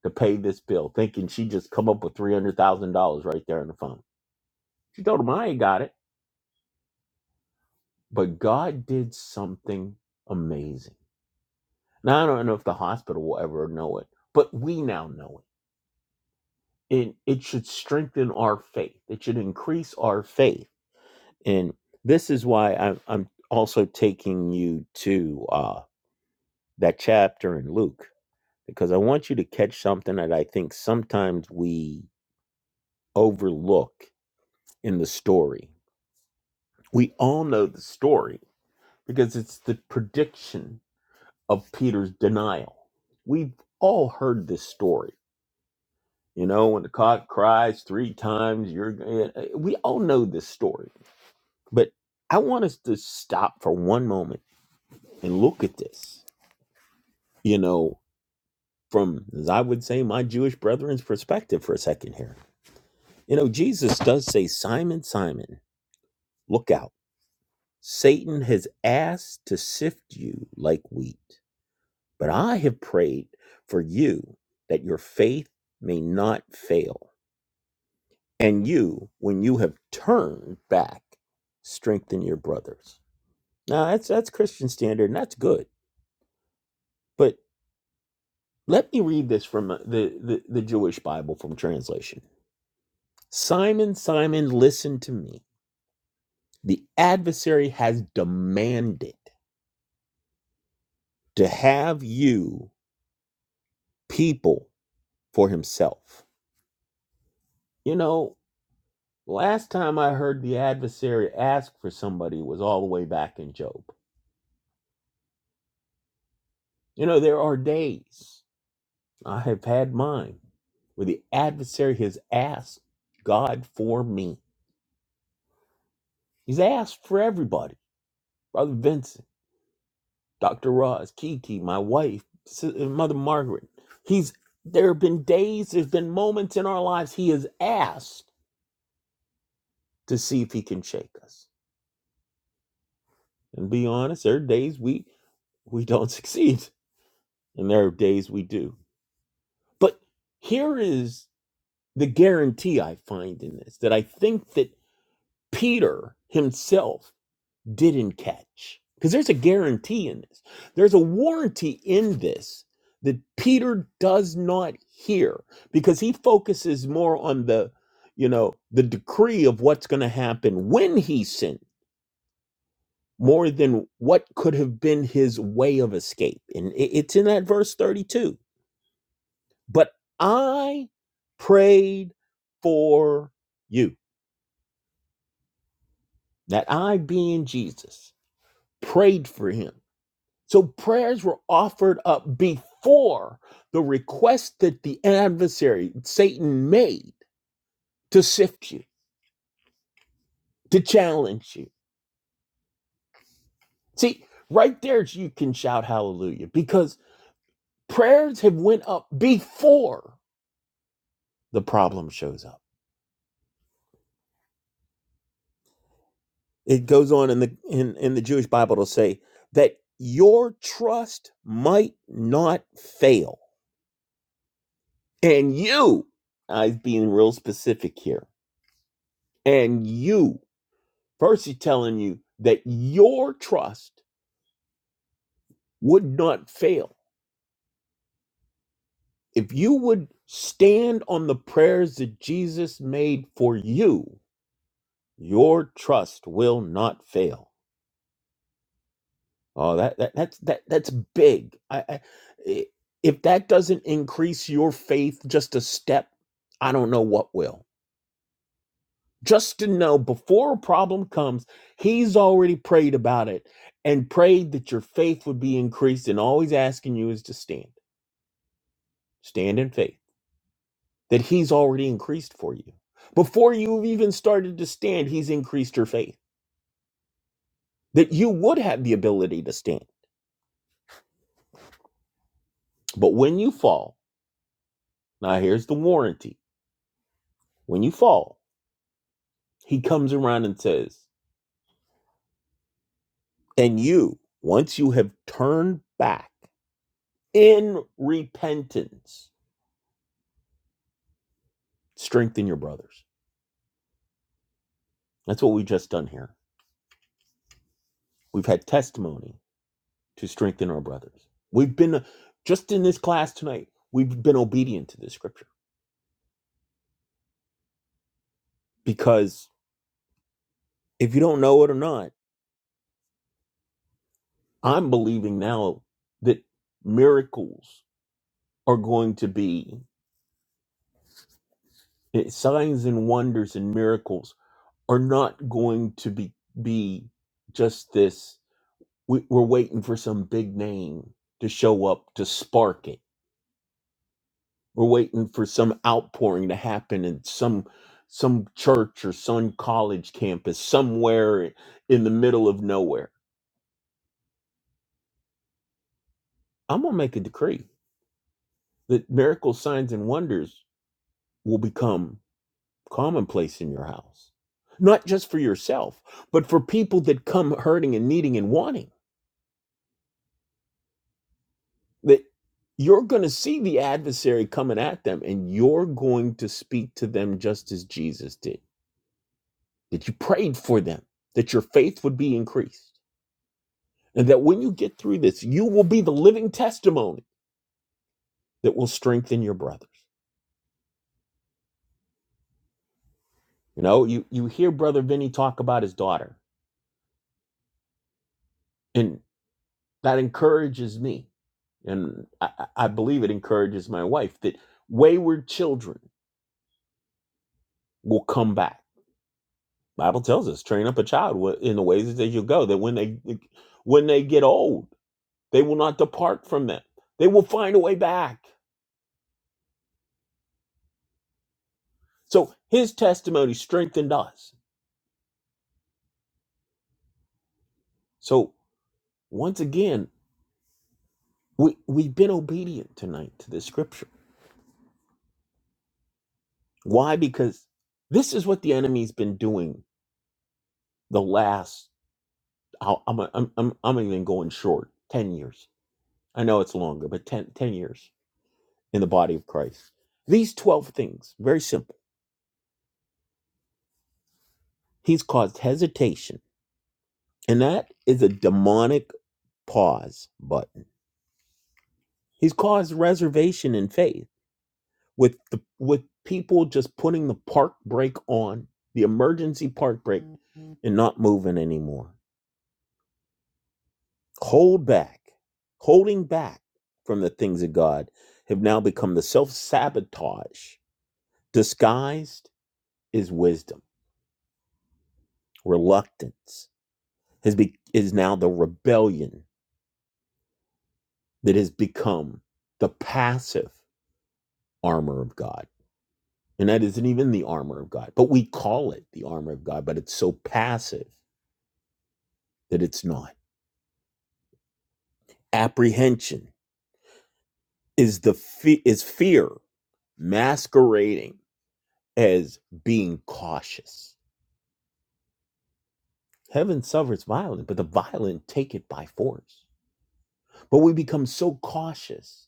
[SPEAKER 2] to pay this bill, thinking she just come up with three hundred thousand dollars right there on the phone. She told him I ain't got it. But God did something amazing. Now, I don't know if the hospital will ever know it, but we now know it. And it should strengthen our faith, it should increase our faith. And this is why I'm, I'm also taking you to uh, that chapter in Luke, because I want you to catch something that I think sometimes we overlook in the story. We all know the story because it's the prediction of Peter's denial. We've all heard this story. You know, when the cock cries three times, you're we all know this story. But I want us to stop for one moment and look at this, you know, from as I would say my Jewish brethren's perspective for a second here. You know, Jesus does say, "Simon, Simon, look out. Satan has asked to sift you like wheat, but I have prayed for you that your faith may not fail." And you, when you have turned back, strengthen your brothers. Now that's that's Christian standard, and that's good. But let me read this from uh, the, the, the Jewish Bible from translation. Simon, Simon, listen to me. The adversary has demanded to have you people for himself. You know, last time I heard the adversary ask for somebody was all the way back in Job. You know, there are days. I have had mine where the adversary has asked God for me. He's asked for everybody. Brother Vincent, Dr. Ross, Kiki, my wife, Si- uh, Mother Margaret. He's there have been days, there's been moments in our lives he has asked to see if he can shake us. And be honest, there are days we we don't [laughs] succeed. And there are days we do. But here is the guarantee I find in this that I think that Peter himself didn't catch. Because there's a guarantee in this, there's a warranty in this that Peter does not hear because he focuses more on the, you know, the decree of what's going to happen when he sinned more than what could have been his way of escape. And i- it's in that verse 32. But I prayed for you. That I being Jesus prayed for him So prayers were offered up before the request that the adversary, Satan, made to sift you, to challenge you. See, right there you can shout hallelujah because prayers have went up before the problem shows up. It goes on in the in, in the Jewish Bible to say that your trust might not fail. And you, I'm being real specific here, and you First, he's telling you that your trust would not fail. If you would stand on the prayers that Jesus made for you, your trust will not fail. Oh, that, that that's that that's big. I, I if that doesn't increase your faith just a step, I don't know what will. Just to know before a problem comes, he's already prayed about it and prayed that your faith would be increased and always asking you is to stand. Stand in faith that He's already increased for you. Before you've even started to stand, He's increased your faith that you would have the ability to stand. But when you fall, now here's the warranty when you fall, He comes around and says, and you, once you have turned back in repentance, strengthen your brothers. That's what we've just done here. We've had testimony to strengthen our brothers. We've been uh, just in this class tonight, we've been obedient to this scripture because If you don't know it or not, I'm believing now that miracles are going to be that signs and wonders and miracles are not going to be be just this. We, we're waiting for some big name to show up to spark it. We're waiting for some outpouring to happen in some some church or some college campus somewhere in the middle of nowhere. I'm gonna make a decree that miracles, signs, and wonders will become commonplace in your house, not just for yourself, but for people that come hurting and needing and wanting. That you're going to see the adversary coming at them and you're going to speak to them just as Jesus did, that you prayed for them, that your faith would be increased, and that when you get through this, you will be the living testimony that will strengthen your brothers. You know, you, you hear Brother Vinny talk about his daughter, and that encourages me And I, I believe it encourages my wife that wayward children will come back. Bible tells us, train up a child wa- in the ways that you go, that when they like, when they get old, they will not depart from them. They will find a way back. So his testimony strengthened us. So once again, we, we've been obedient tonight to this scripture. Why? Because this is what the enemy's been doing the last, I'll- I'm, I'm, I'm, I'm even going short, 10 years I know it's longer, but 10 10 years in the body of Christ. These 12 things, very simple. He's caused hesitation, and that is a demonic pause button. He's caused reservation in faith with the with people just putting the park brake on, the emergency park brake and not moving anymore. Hold back. Holding back from the things of God have now become the self-sabotage disguised is wisdom, reluctance has be, is now the rebellion that has become the passive armor of God. And that isn't even the armor of God, but we call it the armor of God, but it's so passive that it's not. Apprehension is the fe- is fear masquerading as being cautious. Heaven suffers violence, but the violent take it by force. But we become so cautious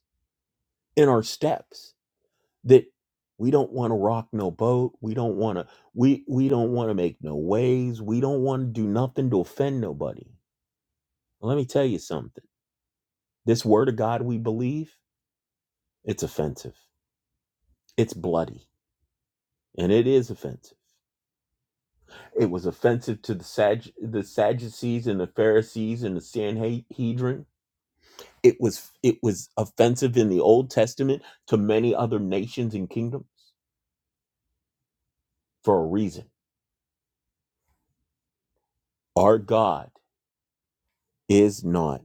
[SPEAKER 2] in our steps that we don't want to rock no boat we don't want to we we don't want to make no waves we don't want to do nothing to offend nobody Well, let me tell you something this word of god we believe it's offensive it's bloody and it is offensive it was offensive to the Sag- the sadducees and the pharisees and the sanhedrin it was it was offensive in the old testament to many other nations and kingdoms for a reason our god is not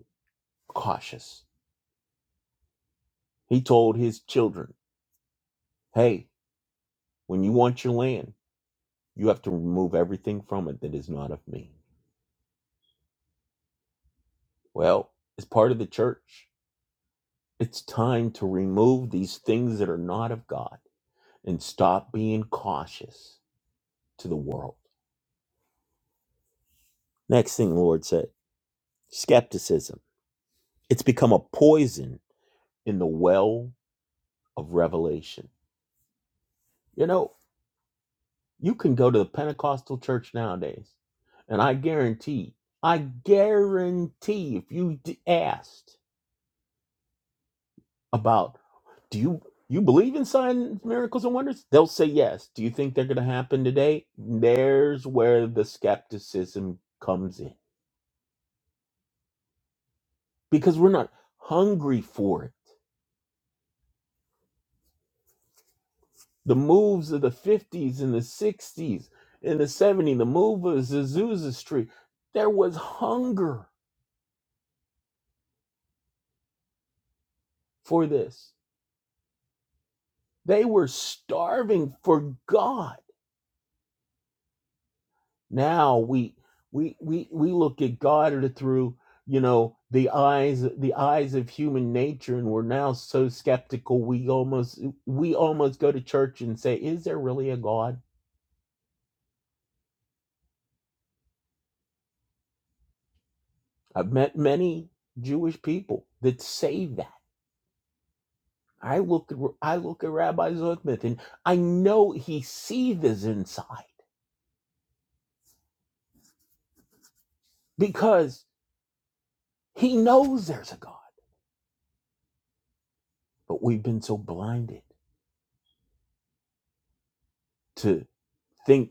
[SPEAKER 2] cautious He told his children, Hey, when you want your land, you have to remove everything from it that is not of me. Well, as part of the church, it's time to remove these things that are not of God and stop being cautious to the world. Next thing the Lord said skepticism. It's become a poison in the well of revelation. You know, you can go to the Pentecostal church nowadays, and I guarantee, I guarantee if you asked, about do you you believe in signs miracles and wonders they'll say yes do you think they're going to happen today there's where the skepticism comes in because we're not hungry for it the moves of the 50s and the 60s and the 70s the move of Azusa Street there was hunger for this they were starving for God now we we we we look at god through you know the eyes the eyes of human nature and we're now so skeptical we almost we almost go to church and say is there really a god i've met many jewish people that say that i look at i look at rabbi zuckman and i know he sees this inside because he knows there's a god but we've been so blinded to think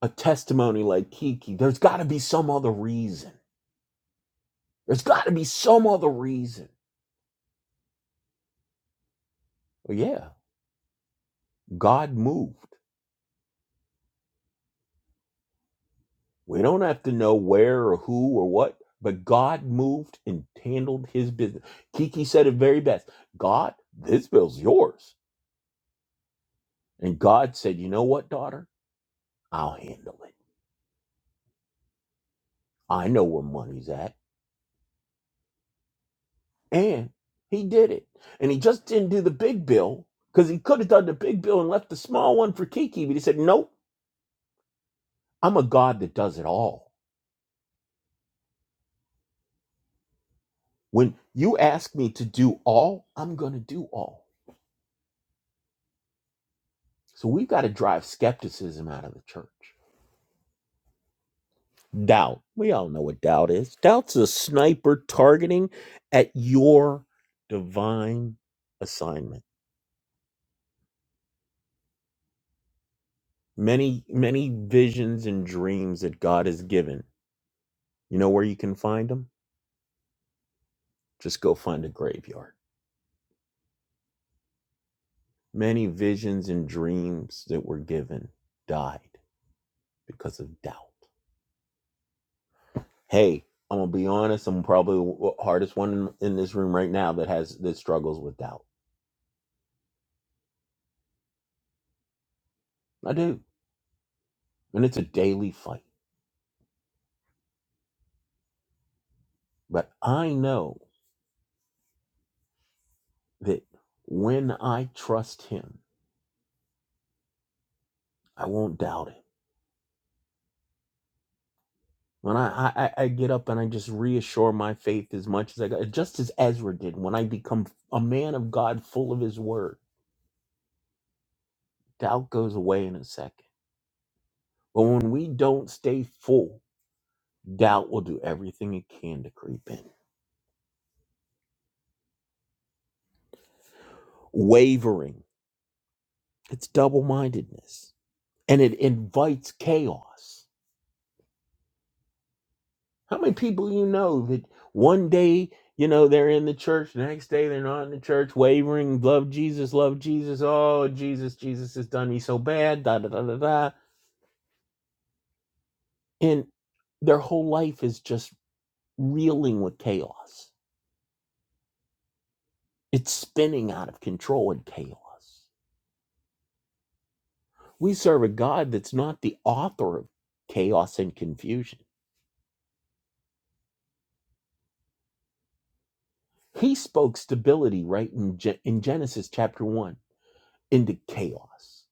[SPEAKER 2] a testimony like Kiki, there's got to be some other reason. There's got to be some other reason. Well, yeah, God moved. We don't have to know where or who or what, but God moved and handled his business. Kiki said it very best God, this bill's yours. And God said, you know what, daughter? I'll handle it. I know where money's at. And he did it. And he just didn't do the big bill because he could have done the big bill and left the small one for Kiki, but he said, nope. I'm a God that does it all. When you ask me to do all, I'm going to do all. So we've got to drive skepticism out of the church. Doubt. We all know what doubt is. Doubt's a sniper targeting at your divine assignment. Many, many visions and dreams that God has given. You know where you can find them? Just go find a graveyard. Many visions and dreams that were given died because of doubt. Hey, I'm gonna be honest. I'm probably the hardest one in, in this room right now that has that struggles with doubt. I do, and it's a daily fight. But I know that when I trust Him, I won't doubt it. When I, I, I I get up and I just reassure my faith as much as I got, just as Ezra did when I become a man of God, full of His Word, doubt goes away in a second. But when we don't stay full, doubt will do everything it can to creep in. Wavering It's double mindedness and it invites chaos. How many people you know that one day, you know, they're in the church, the next day they're not in the church, wavering, love Jesus, love Jesus, oh, Jesus, Jesus has done me so bad, da da da da da. And their whole life is just reeling with chaos. It's spinning out of control in chaos. We serve a God that's not the author of chaos and confusion. He spoke stability right in, Ge- in Genesis chapter 1 into chaos.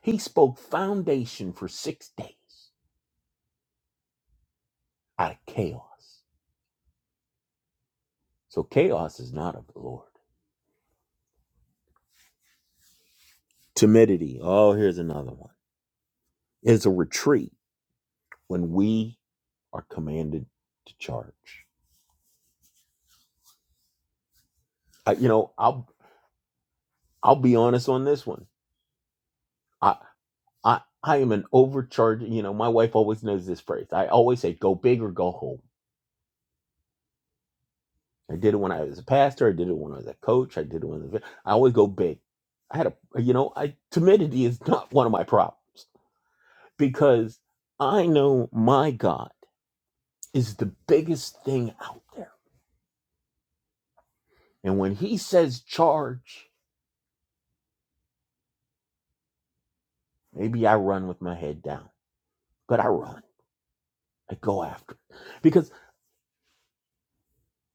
[SPEAKER 2] He spoke foundation for six days out of chaos. So chaos is not of the Lord. Timidity. Oh, here's another one. Is a retreat when we are commanded to charge. I, you know, I'll I'll be honest on this one. I I I am an overcharger. You know, my wife always knows this phrase. I always say, "Go big or go home." I did it when I was a pastor. I did it when I was a coach. I did it when I was a, I always go big. I had a, you know, I timidity is not [laughs] one of my problems because I know my God is the biggest thing out there. And when he says charge, maybe I run with my head down, but I run. I go after it. Because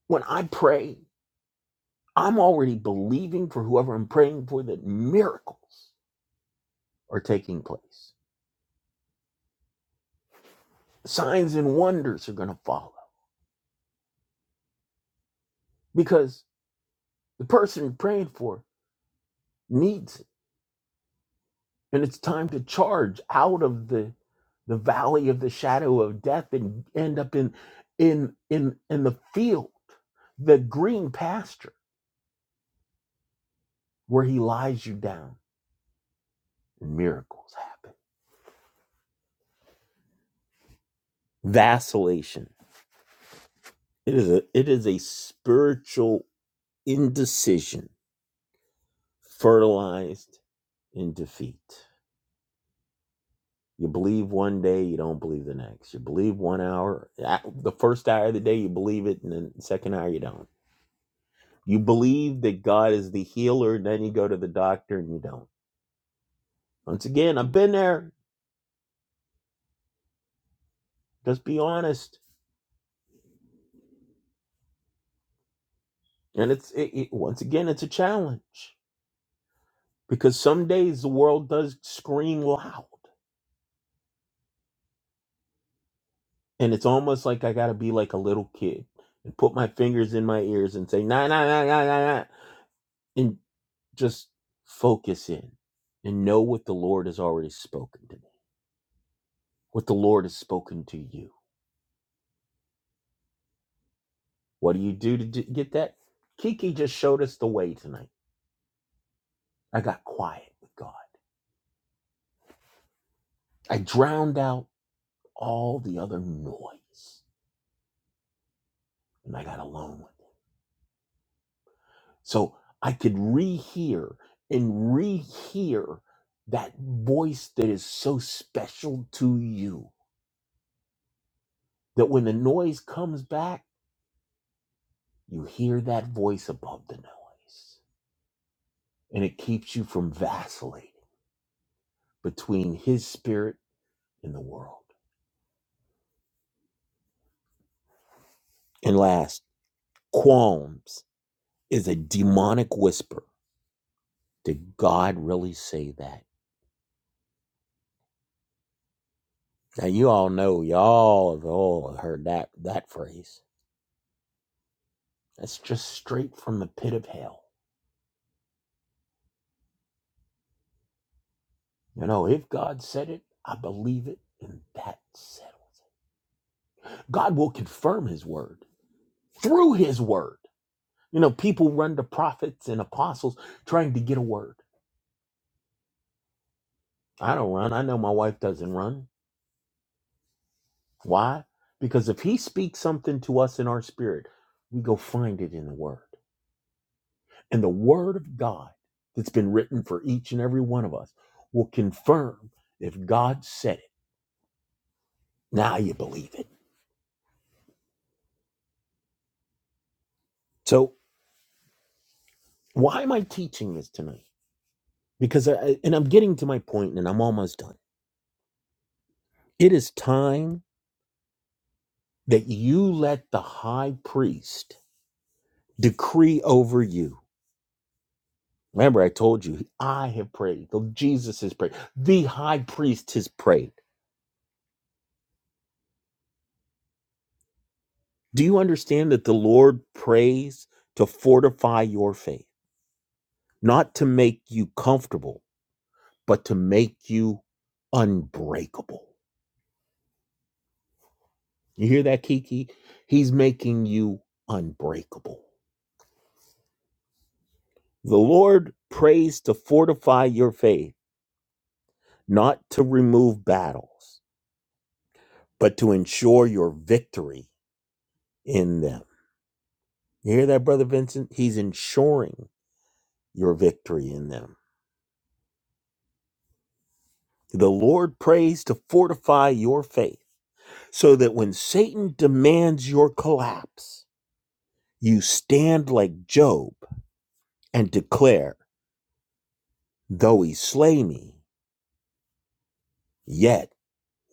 [SPEAKER 2] when I pray, I'm already believing for whoever I'm praying for that miracles are taking place. Signs and wonders are going to follow because The person you're praying for needs it. And it's time to charge out of the the valley of the shadow of death and end up in in in in the field, the green pasture where he lies you down and miracles happen. Vacillation. It is a it is a spiritual indecision fertilized in defeat. You believe one day, you don't believe the next. You believe one hour, the first hour of the day, you believe it, and then the second hour, you don't. You believe that God is the healer, and then you go to the doctor and you don't. Once again, I've been there. Just be honest. And it's, it, it- once again, it's a challenge because some days the world does scream loud. And it's almost like I got to be like a little kid and put my fingers in my ears and say, nah, nah, nah, nah, nah, nah. And just focus in and know what the Lord has already spoken to me, what the Lord has spoken to you. What do you do to d- get that? Kiki just showed us the way tonight. I got quiet with God. I drowned out all the other noise and I got alone with Him. So I could rehear and rehear that voice that is so special to you that when the noise comes back, you hear that voice above the noise. and it keeps you from vacillating between his spirit and the world. And last, qualms is a demonic whisper. Did God really say that? Now you all know, y'all have all heard that that phrase. That's just straight from the pit of hell. You know, if God said it, I believe it, and that settles. it. God will confirm his word through his word. You know, people run to prophets and apostles trying to get a word. I don't run. I know my wife doesn't run. Why? Because if he speaks something to us in our spirit, we go find it in the word. And the word of God that's been written for each and every one of us will confirm if God said it. Now you believe it. So, why am I teaching this tonight? Because I, and I'm getting to my point and I'm almost done. It is time that you let the high priest decree over you. Remember, I told you, I have prayed. Jesus has prayed. The high priest has prayed. Do you understand that the Lord prays to fortify your faith, not to make you comfortable, but to make you unbreakable? You hear that, Kiki? He's making you unbreakable. The Lord prays to fortify your faith, not to remove battles, but to ensure your victory in them. You hear that, Brother Vincent? He's ensuring your victory in them. The Lord prays to fortify your faith so that when Satan demands your collapse, you stand like Job and declare, Though he slay me, yet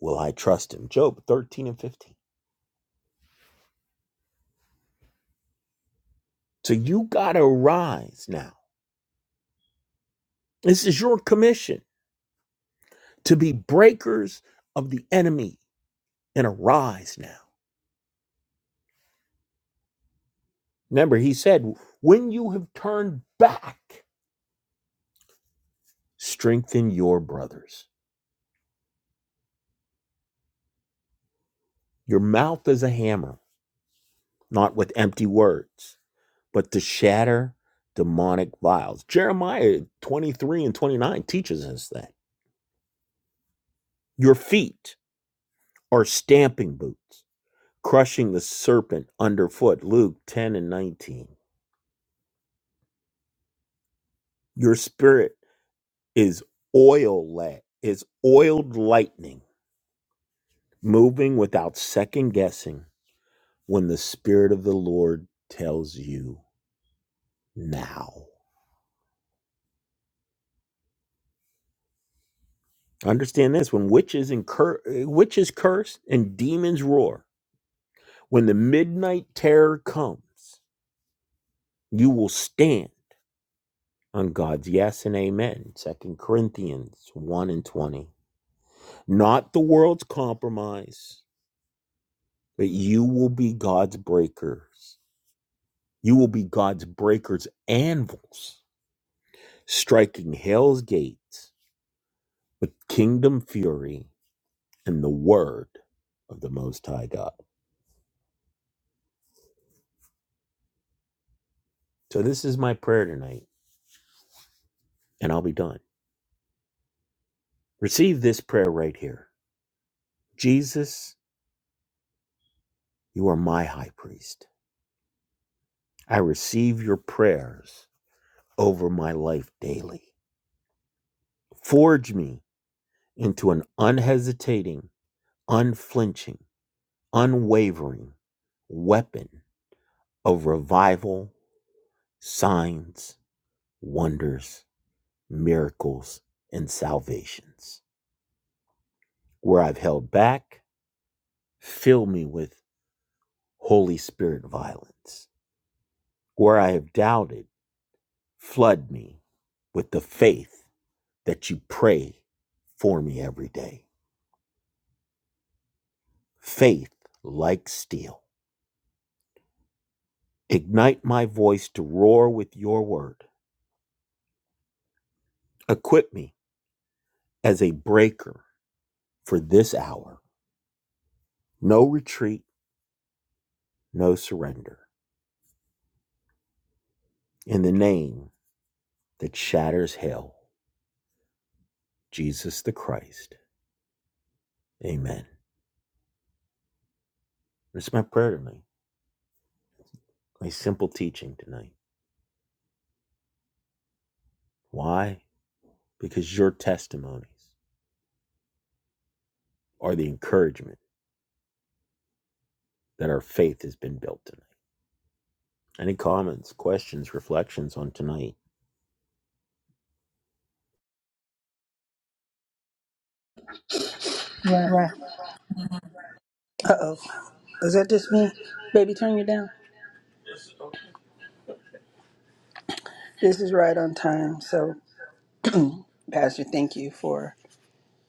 [SPEAKER 2] will I trust him. Job 13 and 15. So you got to rise now. This is your commission to be breakers of the enemy and arise now. Remember, he said, When you have turned back, strengthen your brothers. Your mouth is a hammer, not with empty words but to shatter demonic vials. Jeremiah 23 and 29 teaches us that. Your feet are stamping boots, crushing the serpent underfoot. Luke 10 and 19. Your spirit is oil la- is oiled lightning, moving without second guessing when the spirit of the Lord tells you now. Understand this when witches incur witches curse and demons roar When the midnight terror comes, you will stand on God's yes and amen. Second Corinthians 1 and 20. Not the world's compromise, but you will be God's breakers. You will be God's breakers' anvils, striking hell's gates with kingdom fury and the word of the Most High God. So, this is my prayer tonight, and I'll be done. Receive this prayer right here Jesus, you are my high priest. I receive your prayers over my life daily. Forge me into an unhesitating, unflinching, unwavering weapon of revival, signs, wonders, miracles, and salvations. Where I've held back, fill me with Holy Spirit violence. Where I have doubted, flood me with the faith that you pray for me every day. Faith, like steel, ignite my voice to roar with your word. Equip me as a breaker for this hour. No retreat, no surrender. In the name that shatters hell, Jesus the Christ. Amen. It's my prayer tonight, my simple teaching tonight. Why? Because your testimonies are the encouragement that our faith has been built tonight. Any comments, questions, reflections on tonight?
[SPEAKER 1] Right. Uh oh. Is that just me? Baby, turn you down. This is right on time. So, Pastor, thank you for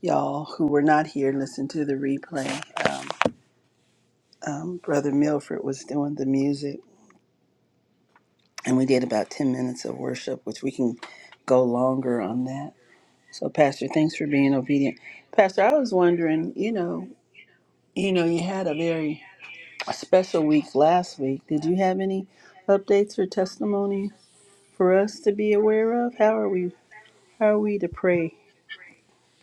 [SPEAKER 1] y'all who were not here listen to the replay. Um, um, Brother Milford was doing the music, and we did about 10 minutes of worship, which we can go longer on that. So, Pastor, thanks for being obedient. Pastor, I was wondering, you know, you know, you had a very special week last week. Did you have any updates or testimony for us to be aware of? How are we? How are we to pray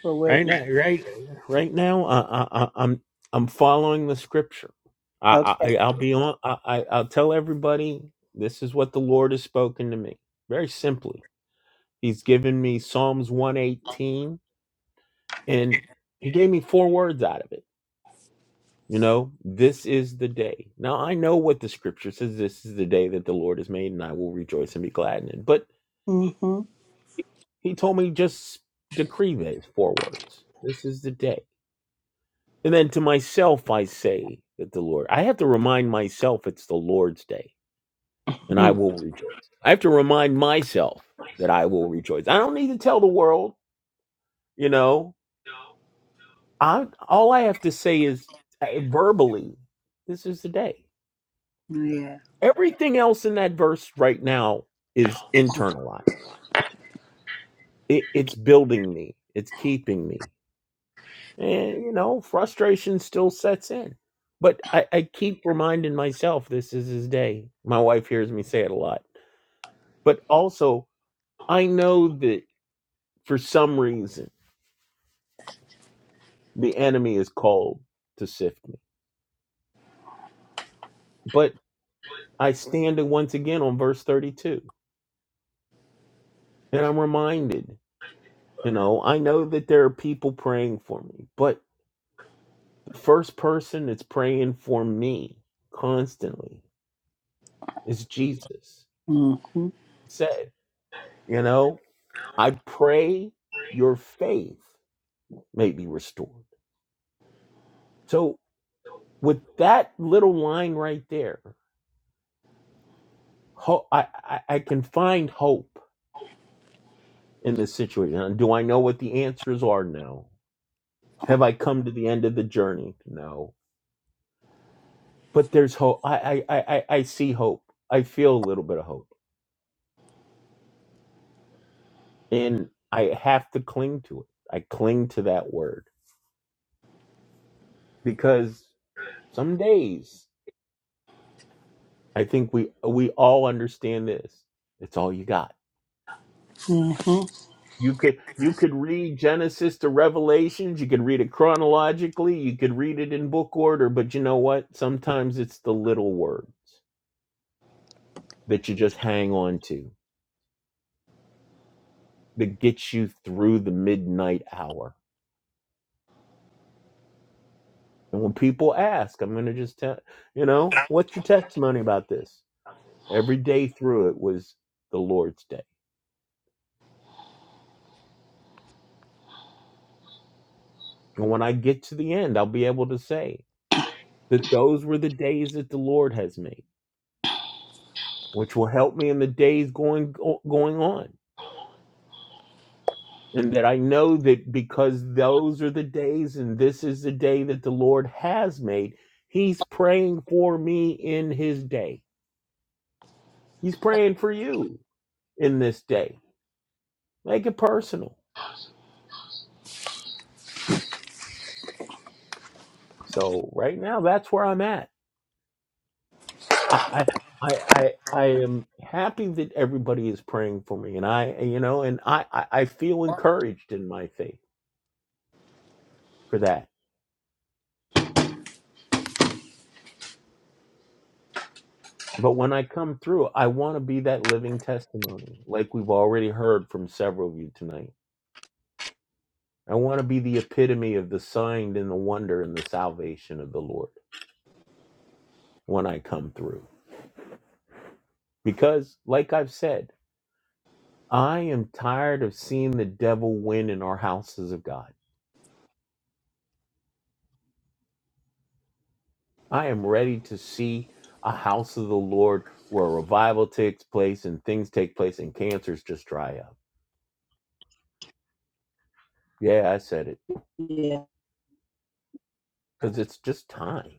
[SPEAKER 1] for what?
[SPEAKER 2] Right now, right, right now, I, I, I- I'm I'm following the scripture. I,
[SPEAKER 1] Okay.
[SPEAKER 2] I I'll be on. I, I I'll tell everybody this is what the Lord has spoken to me. Very simply, He's given me Psalms 118, and He gave me four words out of it. You know, this is the day. Now I know what the scripture says. This is the day that the Lord has made, and I will rejoice and be glad in it. But
[SPEAKER 1] Mhm.
[SPEAKER 2] He told me just decree these four words. This is the day And then to myself I say that the Lord, I have to remind myself it's the Lord's day and I
[SPEAKER 1] [laughs]
[SPEAKER 2] will rejoice. I have to remind myself that I will rejoice. I don't need to tell the world, you know. I all I have to say is uh, verbally, this is the day.
[SPEAKER 1] Yeah.
[SPEAKER 2] Everything else in that verse right now is internalized. It, it's building me. It's keeping me. And, you know, frustration still sets in. But I, I keep reminding myself this is his day. My wife hears me say it a lot. But also, I know that for some reason, the enemy is called to sift me. But I stand once again on verse 32, and I'm reminded, you know, I know that there are people praying for me, but the first person that's praying for me constantly is Jesus.
[SPEAKER 1] Mhm.
[SPEAKER 2] He said, you know, I pray your faith may be restored. So, with that little line right there, ho- I, I, I can find hope in this situation. And do I know what the answers are? No. Have I come to the end of the journey? No. But there's hope. I, I, I, I I see hope. I feel a little bit of hope. And I have to cling to it. I cling to that word because some days I think we we all understand this. It's all you got
[SPEAKER 1] Mhm.
[SPEAKER 2] You could you could read Genesis to Revelations, you could read it chronologically, you could read it in book order, but you know what? Sometimes it's the little words that you just hang on to that gets you through the midnight hour. And when people ask, I'm going to just tell, you know, what's your testimony about this? Every day through it was the Lord's day. And when I get to the end, I'll be able to say that those were the days that the Lord has made, which will help me in the days going going on and that I know that because those are the days and this is the day that the Lord has made, He's praying for me in His day. He's praying for you in this day. Make it personal. So right now, that's where I'm at. I I I I, I am happy that everybody is praying for me, and I you know, and I I, I feel encouraged in my faith for that. But when I come through, I want to be that living testimony, like we've already heard from several of you tonight I want to be the epitome of the sign and the wonder and the salvation of the Lord when I come through. Because, like I've said, I am tired of seeing the devil win in our houses of God. I am ready to see a house of the Lord where revival takes place and things take place and cancers just dry up. Yeah, I said it
[SPEAKER 1] Yeah.
[SPEAKER 2] because it's just time.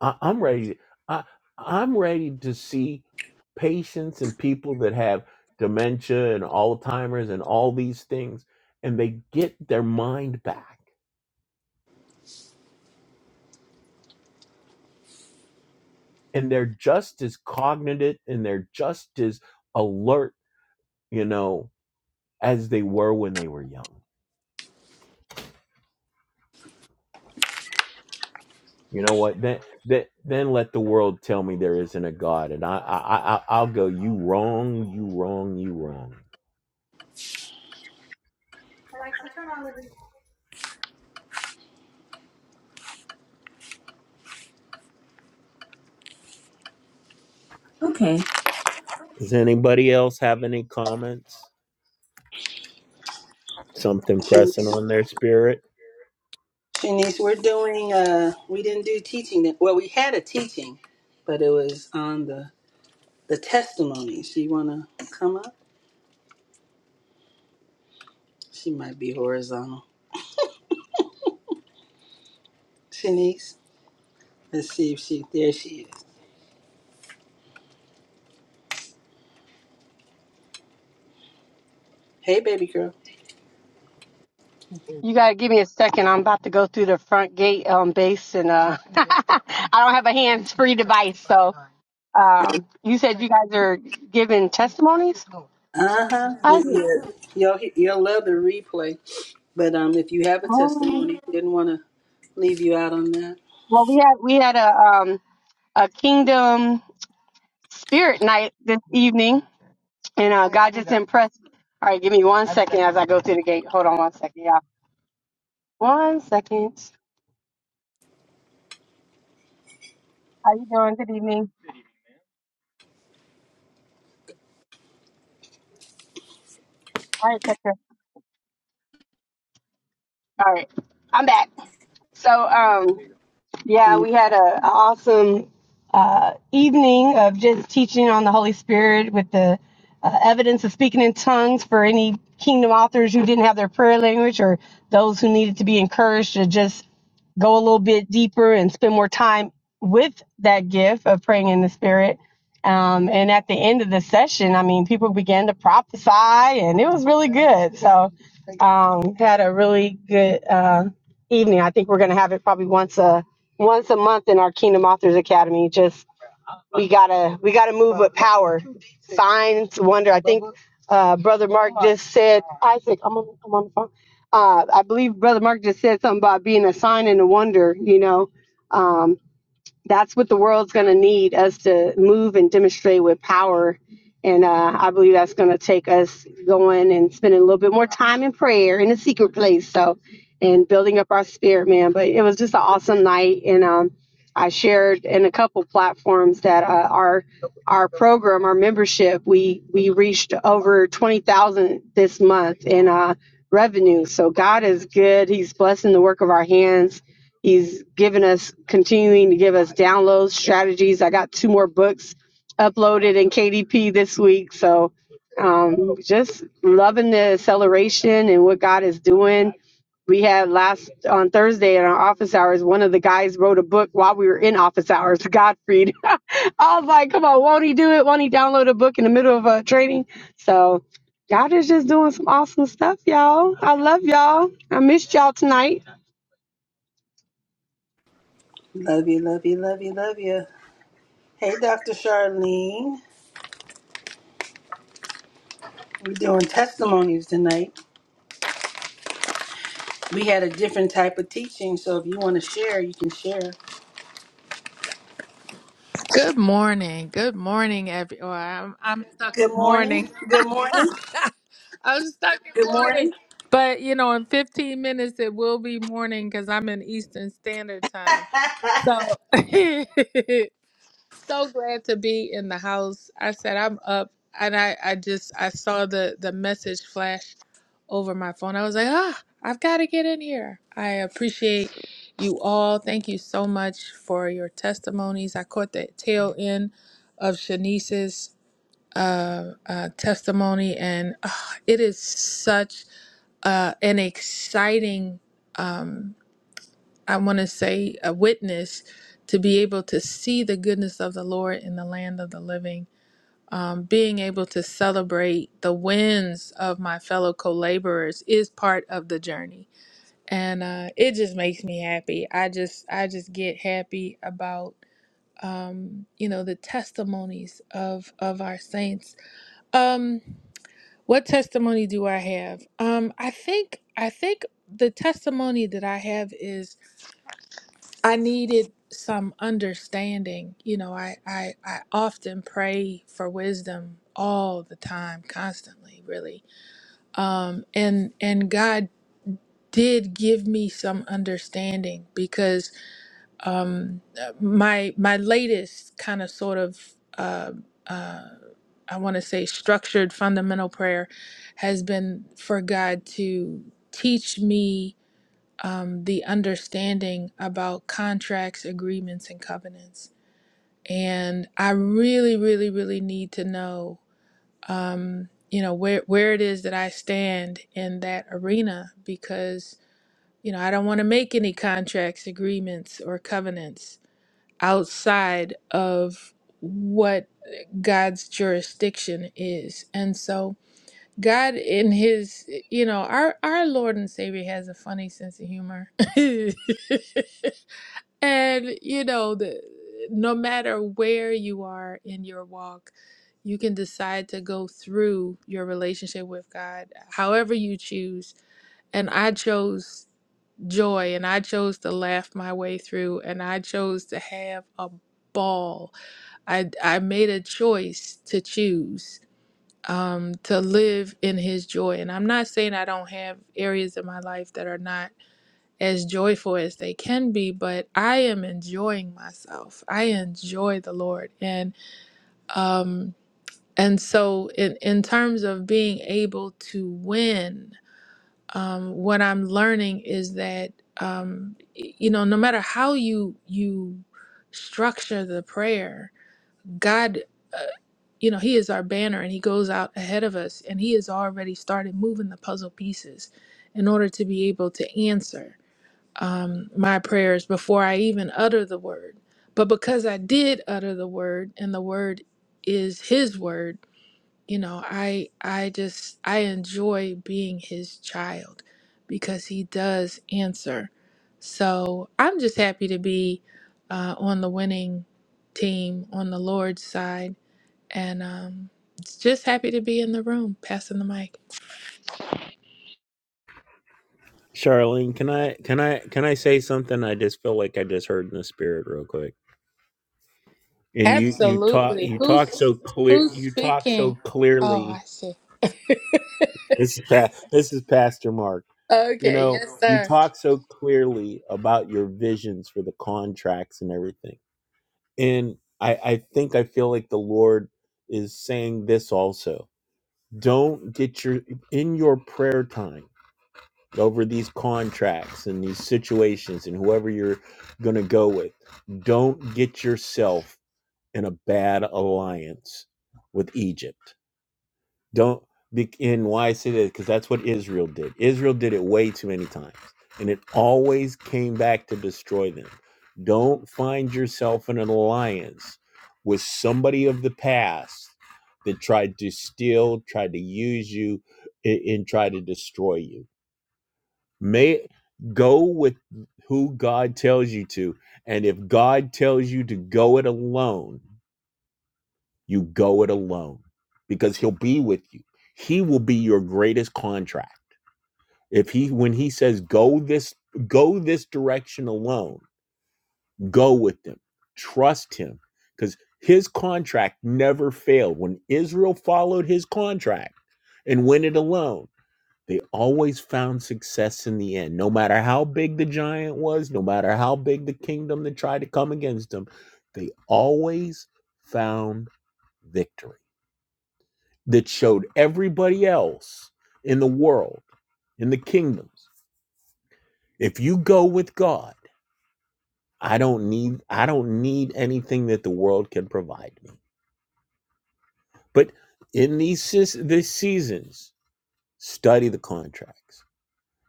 [SPEAKER 2] I, I'm ready. I, I'm ready to see patients and people that have dementia and Alzheimer's and all these things, and they get their mind back, and they're just as cognitive and they're just as alert, you know, as they were when they were young. You know what? Then, then, then let the world tell me there isn't a God, and I, I, I, I- I'll go. You wrong. You wrong. You wrong. Does anybody else have any comments? Something
[SPEAKER 1] Shan-
[SPEAKER 2] pressing on their spirit.
[SPEAKER 1] Shanice, we're doing. Uh, we didn't do teaching. that- Well, we had a teaching, but it was on the the testimonies. You want to come up? She might be horizontal. Shanice, let's see if she. There she is. Hey, baby girl.
[SPEAKER 6] You gotta give me a second. I'm about to go through the front gate um, base, and uh, [laughs] I don't have a hands-free device. So, um, you said you guys are giving testimonies.
[SPEAKER 1] Uh huh.
[SPEAKER 6] I
[SPEAKER 1] You'll he- you'll love the replay. But um, if you have a
[SPEAKER 6] oh,
[SPEAKER 1] testimony, didn't want to leave you out on that.
[SPEAKER 6] well, we had we had a um, a kingdom spirit night this evening, and uh, God just impressed. All right, give me one second as I go through the gate. Hold on one second, y'all. One second. How you doing? Good evening. All right, Tucker. All right, I'm back. So, um. Yeah,
[SPEAKER 1] Mm,
[SPEAKER 6] we had an awesome uh, evening of just teaching on the Holy Spirit with the uh, evidence of speaking in tongues for any kingdom authors who didn't have their prayer language or those who needed to be encouraged to just go a little bit deeper and spend more time with that gift of praying in the Spirit. Um, and at the end of the session, I mean, people began to prophesy, and it was really good. So, um, had a really good uh, evening. I think we're going to have it probably once a once a month in our Kingdom Authors Academy. Just we gotta we gotta move with power, signs, wonder. I think uh, Brother Mark just said Isaac. I'm on, I'm on the phone. Uh, I believe Brother Mark just said something about being a sign and a wonder. You know, Um, that's what the world's going to need us to move and demonstrate with power. And uh, I believe that's going to take us going and spending a little bit more time in prayer in a secret place. So, and building up our spirit, man. But it was just an awesome night. And um, I shared in a couple platforms that uh, our our program, our membership, we we reached over twenty thousand this month in uh, revenue. So God is good. He's blessing the work of our hands He's given us, continuing to give us downloads, strategies. I got two more books uploaded in KDP this week. So um, just loving the acceleration and what God is doing. We had last on Thursday in our office hours, one of the guys wrote a book while we were in office hours, [laughs] Godfrey. I was like, come on, won't he do it? Won't he download a book in the middle of a training? So God is just doing some awesome stuff, y'all. I love y'all. I missed y'all tonight.
[SPEAKER 1] Love you, love you, love you, love you. Hey, Dr. Charlene. We're doing testimonies tonight. we had a different type of teaching. So if you want to share, you can share.
[SPEAKER 7] Good morning. Good morning, every. Or I'm I'm stuck in
[SPEAKER 1] Good morning.
[SPEAKER 7] morning.
[SPEAKER 1] Good morning.
[SPEAKER 7] [laughs] I'm stuck in
[SPEAKER 1] Good
[SPEAKER 7] morning.
[SPEAKER 1] morning.
[SPEAKER 7] But you know, in 15 minutes it will be morning because I'm in Eastern Standard Time. So, [laughs] so glad to be in the house. I said I'm up, and I I just I saw the the message flash over my phone. I was like, ah, I've got to get in here. I appreciate you all. Thank you so much for your testimonies. I caught the tail end of Shanice's uh, uh, testimony, and ah, it is such uh, an exciting. Um, I want to say, a witness to be able to see the goodness of the Lord in the land of the living, um, being able to celebrate the wins of my fellow co laborers is part of the journey. And uh, it just makes me happy. I just, I just get happy about, um, you know, the testimonies of of our saints. Um, what testimony do I have? Um, I think, I think the testimony that I have is I needed some understanding. You know, I, I, I often pray for wisdom all the time, constantly, really. Um, and and God did give me some understanding because um, uh, my my latest kind of sort of uh, uh, I want to say structured fundamental prayer has been for God to teach me um, the understanding about contracts, agreements, and covenants. And I really, really, really need to know, um, you know, where where it is that I stand in that arena because you know I don't want to make any contracts, agreements, or covenants outside of what God's jurisdiction is. And so God in his you know, our our Lord and Savior has a funny sense of humor. [laughs] and you know the, no matter where you are in your walk you can decide to go through your relationship with god however you choose and i chose joy and i chose to laugh my way through and i chose to have a ball i i made a choice to choose um to live in his joy and i'm not saying i don't have areas in my life that are not as joyful as they can be, but I am enjoying myself. I enjoy the Lord. And um and so in, in terms of being able to win, um, what I'm learning is that um, y- you know, no matter how you you structure the prayer, God uh, you know, he is our banner and he goes out ahead of us and he has already started moving the puzzle pieces in order to be able to answer um, my prayers before I even utter the word. But because I did utter the word, and the word is His word, you know, I I just I enjoy being His child because He does answer. So I'm just happy to be uh, on the winning team on the Lord's side, and um, just happy to be in the room, passing the mic.
[SPEAKER 2] Charlene, can I can I can I say something? I just feel like I just heard in the spirit real quick. And you you talk
[SPEAKER 7] Absolutely.
[SPEAKER 2] you talk
[SPEAKER 7] Who's
[SPEAKER 2] so clear
[SPEAKER 7] who's
[SPEAKER 2] you talk
[SPEAKER 7] speaking?
[SPEAKER 2] so
[SPEAKER 7] Oh,
[SPEAKER 2] clearly.
[SPEAKER 7] I see. [laughs]
[SPEAKER 2] This is pa- this is Pastor Mark. You
[SPEAKER 7] Okay,
[SPEAKER 2] know,
[SPEAKER 7] yes,
[SPEAKER 2] you
[SPEAKER 7] sir.
[SPEAKER 2] talk so clearly about your visions for the contracts and everything. And I, I think I feel like the Lord is saying this also. Don't get your in your prayer time over these contracts and these situations and whoever you're going to go with. Don't get yourself in a bad alliance with Egypt don't be and why I say that because that's what Israel did. Israel did it way too many times, and it always came back to destroy them. Don't find yourself in an alliance with somebody of the past that tried to steal, tried to use you, a- and try to destroy you. May go with who God tells you to, and if God tells you to go it alone, you go it alone because he'll be with you. He will be your greatest contract. If he when he says go this go this direction alone, go with him. Trust him cuz his contract never failed. When Israel followed his contract and went it alone, they always found success in the end. No matter how big the giant was, no matter how big the kingdom that tried to come against them, they always found victory that showed everybody else in the world in the kingdoms if you go with god i don't need i don't need anything that the world can provide me but in these seas- these seasons study the contracts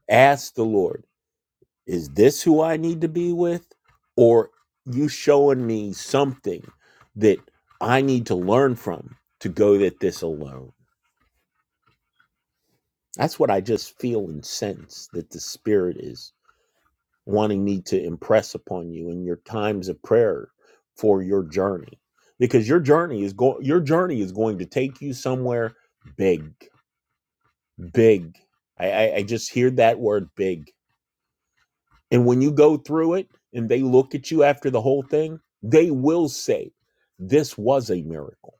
[SPEAKER 2] ask the lord is this who i need to be with or you showing me something that i need to learn from to go at this alone that's what i just feel and sense that the spirit is wanting me to impress upon you in your times of prayer for your journey because your journey is going your journey is going to take you somewhere big big I, I i just hear that word big and when you go through it and they look at you after the whole thing they will say this was a miracle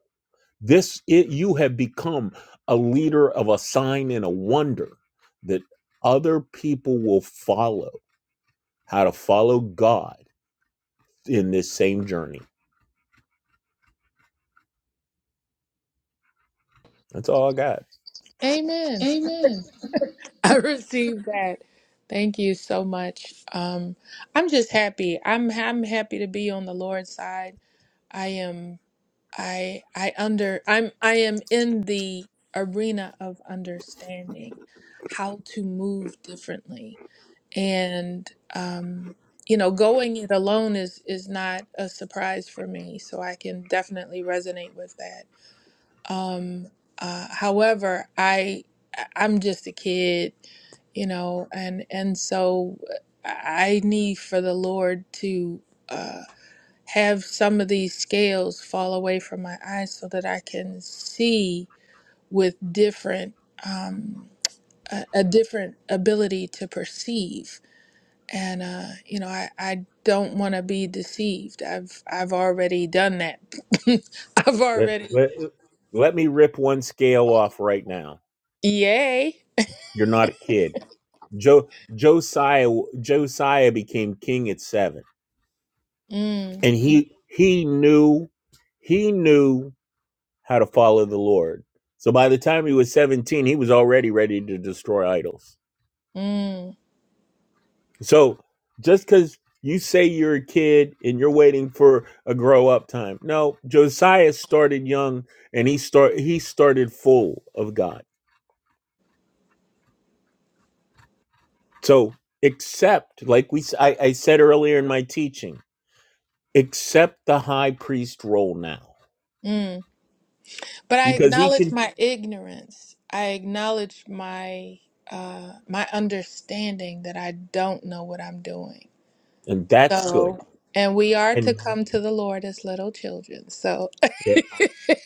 [SPEAKER 2] this it, you have become a leader of a sign and a wonder that other people will follow how to follow god in this same journey. That's all I got.
[SPEAKER 7] Amen. [laughs] I received that. Thank you so much. Um, I'm just happy. I'm I'm happy to be on the Lord's side. I am. I I under. I'm. I am in the arena of understanding how to move differently, and um, you know, going it alone is is not a surprise for me. So I can definitely resonate with that Um, uh, however, I I- am just a kid, you know, and and so uh, I need for the Lord to uh, have some of these scales fall away from my eyes so that I can see with different um, a, a different ability to perceive. And uh, you know, I, I don't want to be deceived. I've I've already done that. [laughs] I've
[SPEAKER 2] Let,
[SPEAKER 7] already
[SPEAKER 2] let, let me rip one scale off right now.
[SPEAKER 7] yay.
[SPEAKER 2] You're not a kid. Jo, Josiah Josiah became king at seven,
[SPEAKER 7] Mm.
[SPEAKER 2] and he he knew he knew how to follow the Lord. So by the time he was 17, he was already ready to destroy idols.
[SPEAKER 7] Mm,
[SPEAKER 2] So just because you say you're a kid and you're waiting for a grow up time, no, Josiah started young and he start he started full of God. So accept, like we I I said earlier in my teaching, accept the high priest role now
[SPEAKER 7] mm. But I
[SPEAKER 2] because he
[SPEAKER 7] acknowledge
[SPEAKER 2] can,
[SPEAKER 7] my ignorance. I acknowledge my uh my understanding that I don't know what I'm doing.
[SPEAKER 2] and that's good,
[SPEAKER 7] So, and we are to
[SPEAKER 2] and
[SPEAKER 7] come to the Lord as little children. So,
[SPEAKER 2] it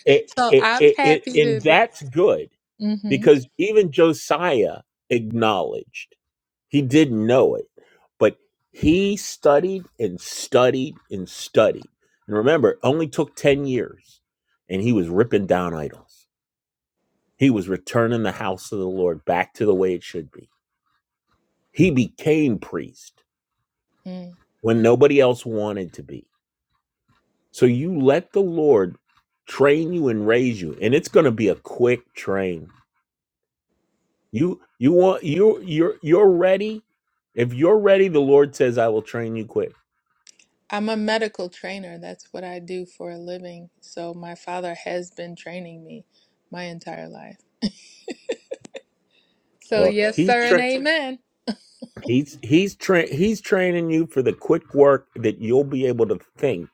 [SPEAKER 2] it
[SPEAKER 7] [laughs] so
[SPEAKER 2] it,
[SPEAKER 7] I'm
[SPEAKER 2] it, it
[SPEAKER 7] happy to
[SPEAKER 2] and
[SPEAKER 7] be.
[SPEAKER 2] that's good
[SPEAKER 7] Mm-hmm.
[SPEAKER 2] because even Josiah acknowledged. He didn't know it, but he studied and studied and studied. And remember, it only took 10 years, and he was ripping down idols. He was returning the house of the Lord back to the way it should be. He became priest
[SPEAKER 7] Mm.
[SPEAKER 2] when nobody else wanted to be. So you let the Lord train you and raise you, and it's going to be a quick train. You you want you you're you're ready. If you're ready, the Lord says, "I will train you quick."
[SPEAKER 7] I'm a medical trainer. That's what I do for a living. So my father has been training me my entire life. So
[SPEAKER 2] Well,
[SPEAKER 7] yes,
[SPEAKER 2] he's
[SPEAKER 7] sir, and
[SPEAKER 2] trained.
[SPEAKER 7] amen.
[SPEAKER 2] He's he's tra- he's training you for the quick work that you'll be able to think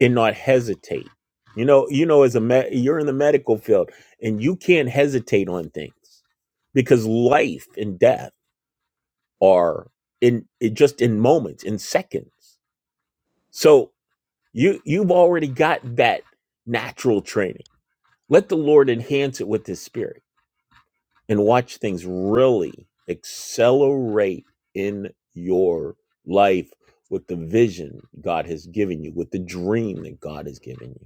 [SPEAKER 2] and not hesitate. You know, you know, as a me- you're in the medical field and you can't hesitate on things because life and death are in it just in moments, in seconds. So you you've already got that natural training. Let the Lord enhance it with His Spirit. and watch things really accelerate in your life with the vision God has given you, with the dream that God has given you.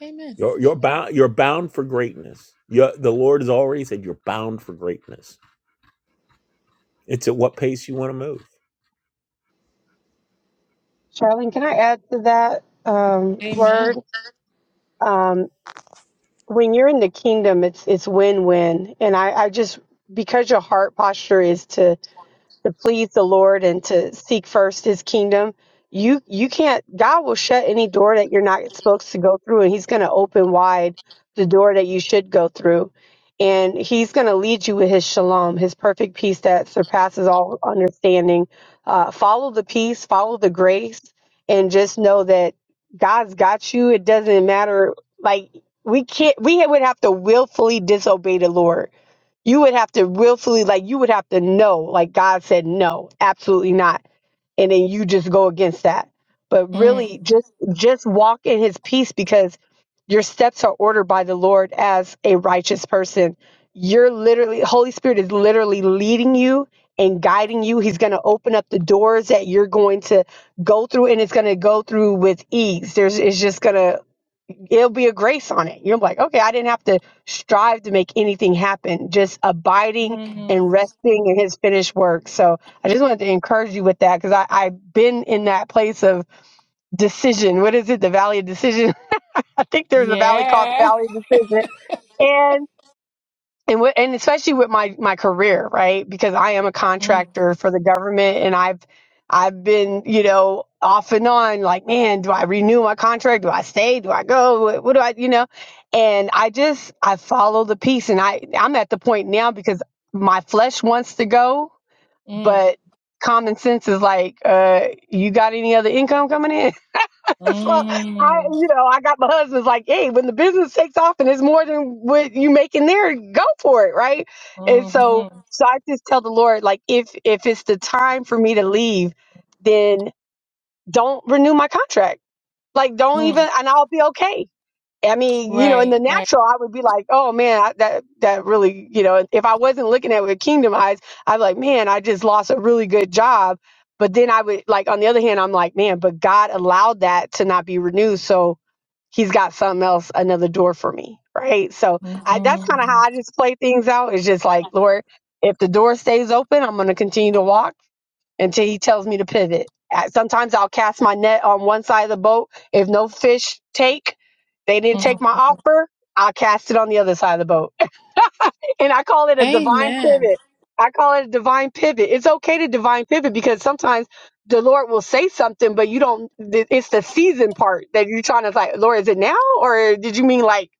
[SPEAKER 7] Amen.
[SPEAKER 2] You're, you're bound. You're bound for greatness. You're, the Lord has already said you're bound for greatness. It's at what pace you want to move.
[SPEAKER 6] Charlene, can I add to that um,
[SPEAKER 7] Amen.
[SPEAKER 6] word? Um, when you're in the kingdom, it's it's win-win, and I, I just because your heart posture is to to please the Lord and to seek first his kingdom, you you can't God will shut any door that you're not supposed to go through and he's going to open wide the door that you should go through. And he's going to lead you with his shalom, his perfect peace that surpasses all understanding. Uh, follow the peace, follow the grace, and just know that God's got you. It doesn't matter. Like we can't, we would have to willfully disobey the Lord you would have to willfully, like, you would have to know, like, God said, no, absolutely not. And then you just go against that. But really, just just walk in His peace because your steps are ordered by the Lord as a righteous person. You're literally, Holy Spirit is literally leading you and guiding you. He's going to open up the doors that you're going to go through, and it's going to go through with ease. There's, it's just going to it'll be a grace on it. You're like, okay, I didn't have to strive to make anything happen, just abiding
[SPEAKER 7] Mm.
[SPEAKER 6] and resting in his finished work. So I just wanted to encourage you with that because I've i I've been in that place of decision. What is it? The valley of decision. [laughs] I think there's a valley called the
[SPEAKER 7] Yeah.
[SPEAKER 6] valley of decision. And and with, and especially with my my career, right? Because I am a
[SPEAKER 7] Mm,
[SPEAKER 6] contractor for the government, and I've I've been you know off and on like, man, do I renew my contract? Do I stay? Do I go? What, what do I you know? And I just I follow the piece, and I I'm at the point now because my flesh wants to go,
[SPEAKER 7] mm,
[SPEAKER 6] but common sense is like, uh, you got any other income coming in? [laughs] so I,
[SPEAKER 7] mm,
[SPEAKER 6] you know, I got my husband's like, hey, when the business takes off and it's more than what you make in there, go for it, right? And so,
[SPEAKER 7] mhm,
[SPEAKER 6] so I just tell the Lord, like, if if it's the time for me to leave, then don't renew my contract. Like, don't even,
[SPEAKER 7] mm.
[SPEAKER 6] and I'll be okay I mean, you know, in
[SPEAKER 7] Right,
[SPEAKER 6] the
[SPEAKER 7] right.
[SPEAKER 6] natural, I would be like, oh man, I, that that really, you know, if I wasn't looking at it with kingdom eyes, I'd be like, man, I just lost a really good job. But then I would like, on the other hand, I'm like, man, but God allowed that to not be renewed, so He's got something else, another door for me, right? So I, that's kind of how
[SPEAKER 7] Mhm,
[SPEAKER 6] I just play things out. It's just like, Lord, if the door stays open, I'm going to continue to walk until he tells me to pivot. Uh, Sometimes I'll cast my net on one side of the boat. If no fish take, they didn't take my
[SPEAKER 7] mhm.
[SPEAKER 6] offer, I'll cast it on the other side of the boat. [laughs] And I call it a divine
[SPEAKER 7] Amen.
[SPEAKER 6] pivot. I call it a divine pivot. It's okay to divine pivot because sometimes the Lord will say something, but you don't, th- it's the season part that you're trying to like, Lord, is it now? Or did you mean like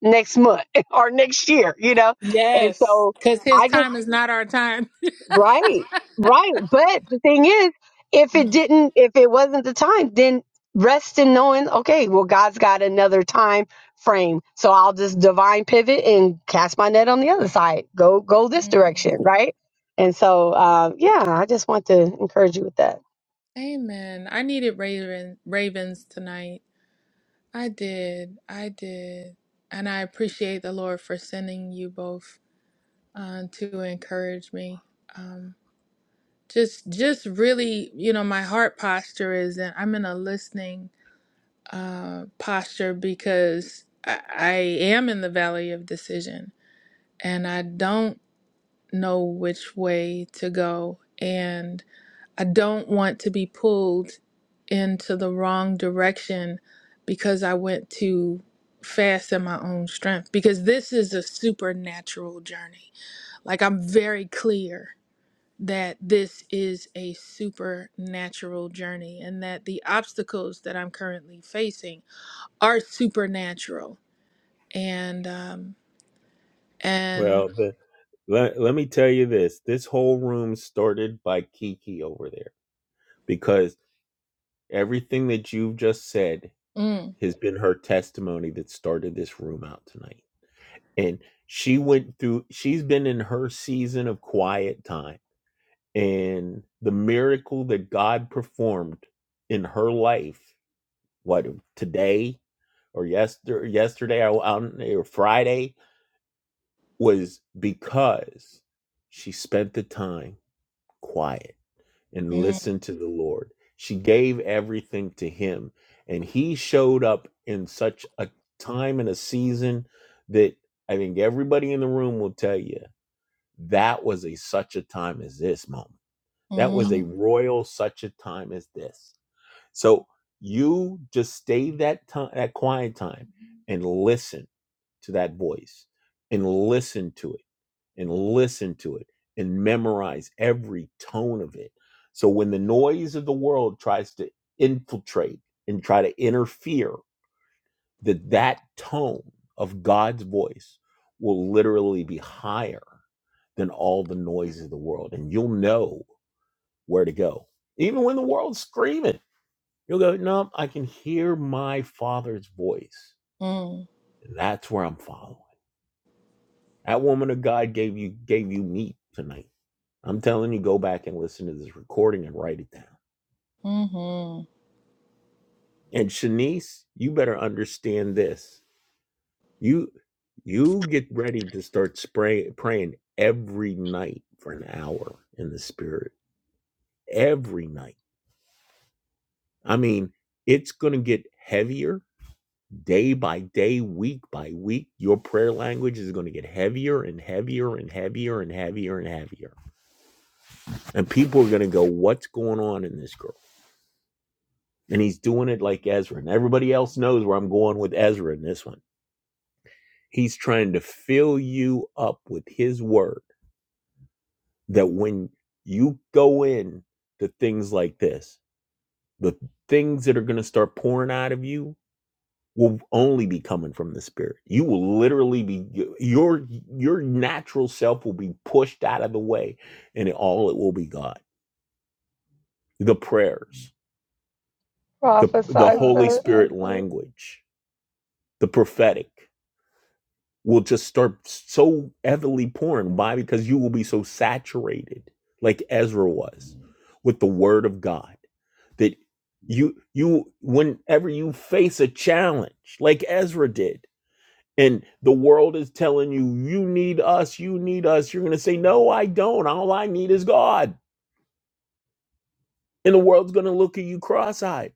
[SPEAKER 6] next month [laughs] or next year? You know? And
[SPEAKER 7] Yes,
[SPEAKER 6] so,
[SPEAKER 7] because his
[SPEAKER 6] I just.
[SPEAKER 7] time is not our time.
[SPEAKER 6] Right, right. But the thing is, if it
[SPEAKER 7] Mm,
[SPEAKER 6] didn't, if it wasn't the time, then rest in knowing, okay, well, God's got another time frame, so I'll just divine pivot and cast my net on the other side. Go, go this
[SPEAKER 7] mm.
[SPEAKER 6] direction, right? And so, uh, yeah, I just want to encourage you with that.
[SPEAKER 7] Amen. I needed raven, ravens tonight. I did. I did. And I appreciate the Lord for sending you both uh, to encourage me. Um, just just really you know my heart posture is and i'm in a listening uh posture because I, I am in the valley of decision and i don't know which way to go and i don't want to be pulled into the wrong direction because i went too fast in my own strength because this is a supernatural journey like i'm very clear that this is a supernatural journey and that the obstacles that I'm currently facing are supernatural. And, um, and,
[SPEAKER 2] Well, the, let, let me tell you this: this whole room started by Kiki over there because everything that you've just said
[SPEAKER 7] mm,
[SPEAKER 2] has been her testimony that started this room out tonight. and she went through she's been in her season of quiet time and the miracle that god performed in her life what today or yesterday yesterday or, um, or friday was because she spent the time quiet and
[SPEAKER 7] mm,
[SPEAKER 2] listened to the lord she gave everything to him and he showed up in such a time and a season that i think everybody in the room will tell you That was a such a time as this moment. That was a
[SPEAKER 7] mm,
[SPEAKER 2] royal such a time as this. So you just stay that time, that quiet time, and listen to that voice, and listen to it, and listen to it, and memorize every tone of it. So when the noise of the world tries to infiltrate and try to interfere, that that tone of God's voice will literally be higher than all the noise of the world. And you'll know where to go. Even when the world's screaming, you'll go, No, I can hear my father's voice.
[SPEAKER 7] mm,
[SPEAKER 2] And that's where I'm following. That woman of God gave you gave you meat tonight. I'm telling you, go back and listen to this recording and write it down.
[SPEAKER 7] mhm.
[SPEAKER 2] And Shanice, you better understand this. You you get ready to start spray, praying every night for an hour in the spirit. Every night I mean, it's going to get heavier day by day, week by week. Your prayer language is going to get heavier and heavier and heavier and heavier and heavier. And people are going to go, What's going on in this girl? And he's doing it like Ezra. And everybody else knows where I'm going with Ezra in this one. He's trying to fill you up with his word that when you go in to things like this, the things that are going to start pouring out of you will only be coming from the spirit. You will literally be your your natural self will be pushed out of the way and it, all it will be God. The prayers, the the
[SPEAKER 6] Prophesy,
[SPEAKER 2] Holy
[SPEAKER 6] sir.
[SPEAKER 2] Spirit language, the prophetic will just start so heavily pouring. Why? Because you will be so saturated, like Ezra was, with the word of God that you you whenever you face a challenge, like Ezra did and the world is telling you, you need us, you need us, you're going to say, no, I don't. All I need is God. And the world's going to look at you cross eyed.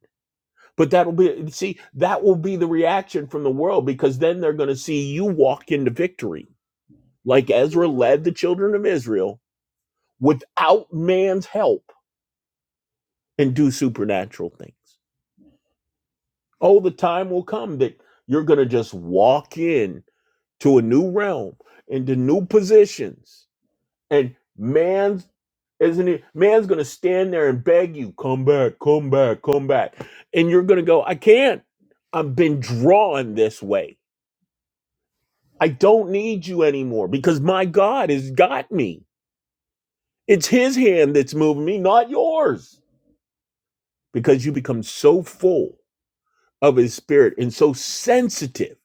[SPEAKER 2] But that'll be, see, that will be the reaction from the world because then they're going to see you walk into victory, like Ezra led the children of Israel without man's help and do supernatural things. Oh, the time will come that you're going to just walk in to a new realm, into new positions And man's isn't it man's gonna stand there and beg you, come back, come back, come back. And you're gonna go, I can't. I've been drawn this way. I don't need you anymore because my God has got me. It's his hand that's moving me, not yours. Because you become so full of his spirit and so sensitive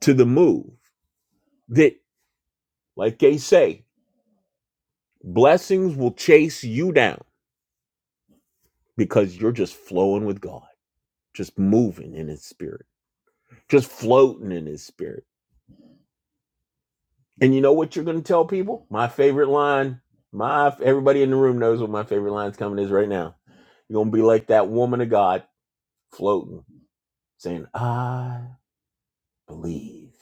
[SPEAKER 2] to the move that, like they say, blessings will chase you down because you're just flowing with God, just moving in his spirit. just floating in his spirit. And you know what you're going to tell people? My favorite line. My everybody in the room knows what my favorite line's coming is right now. You're going to be like that woman of God floating, saying, "I believe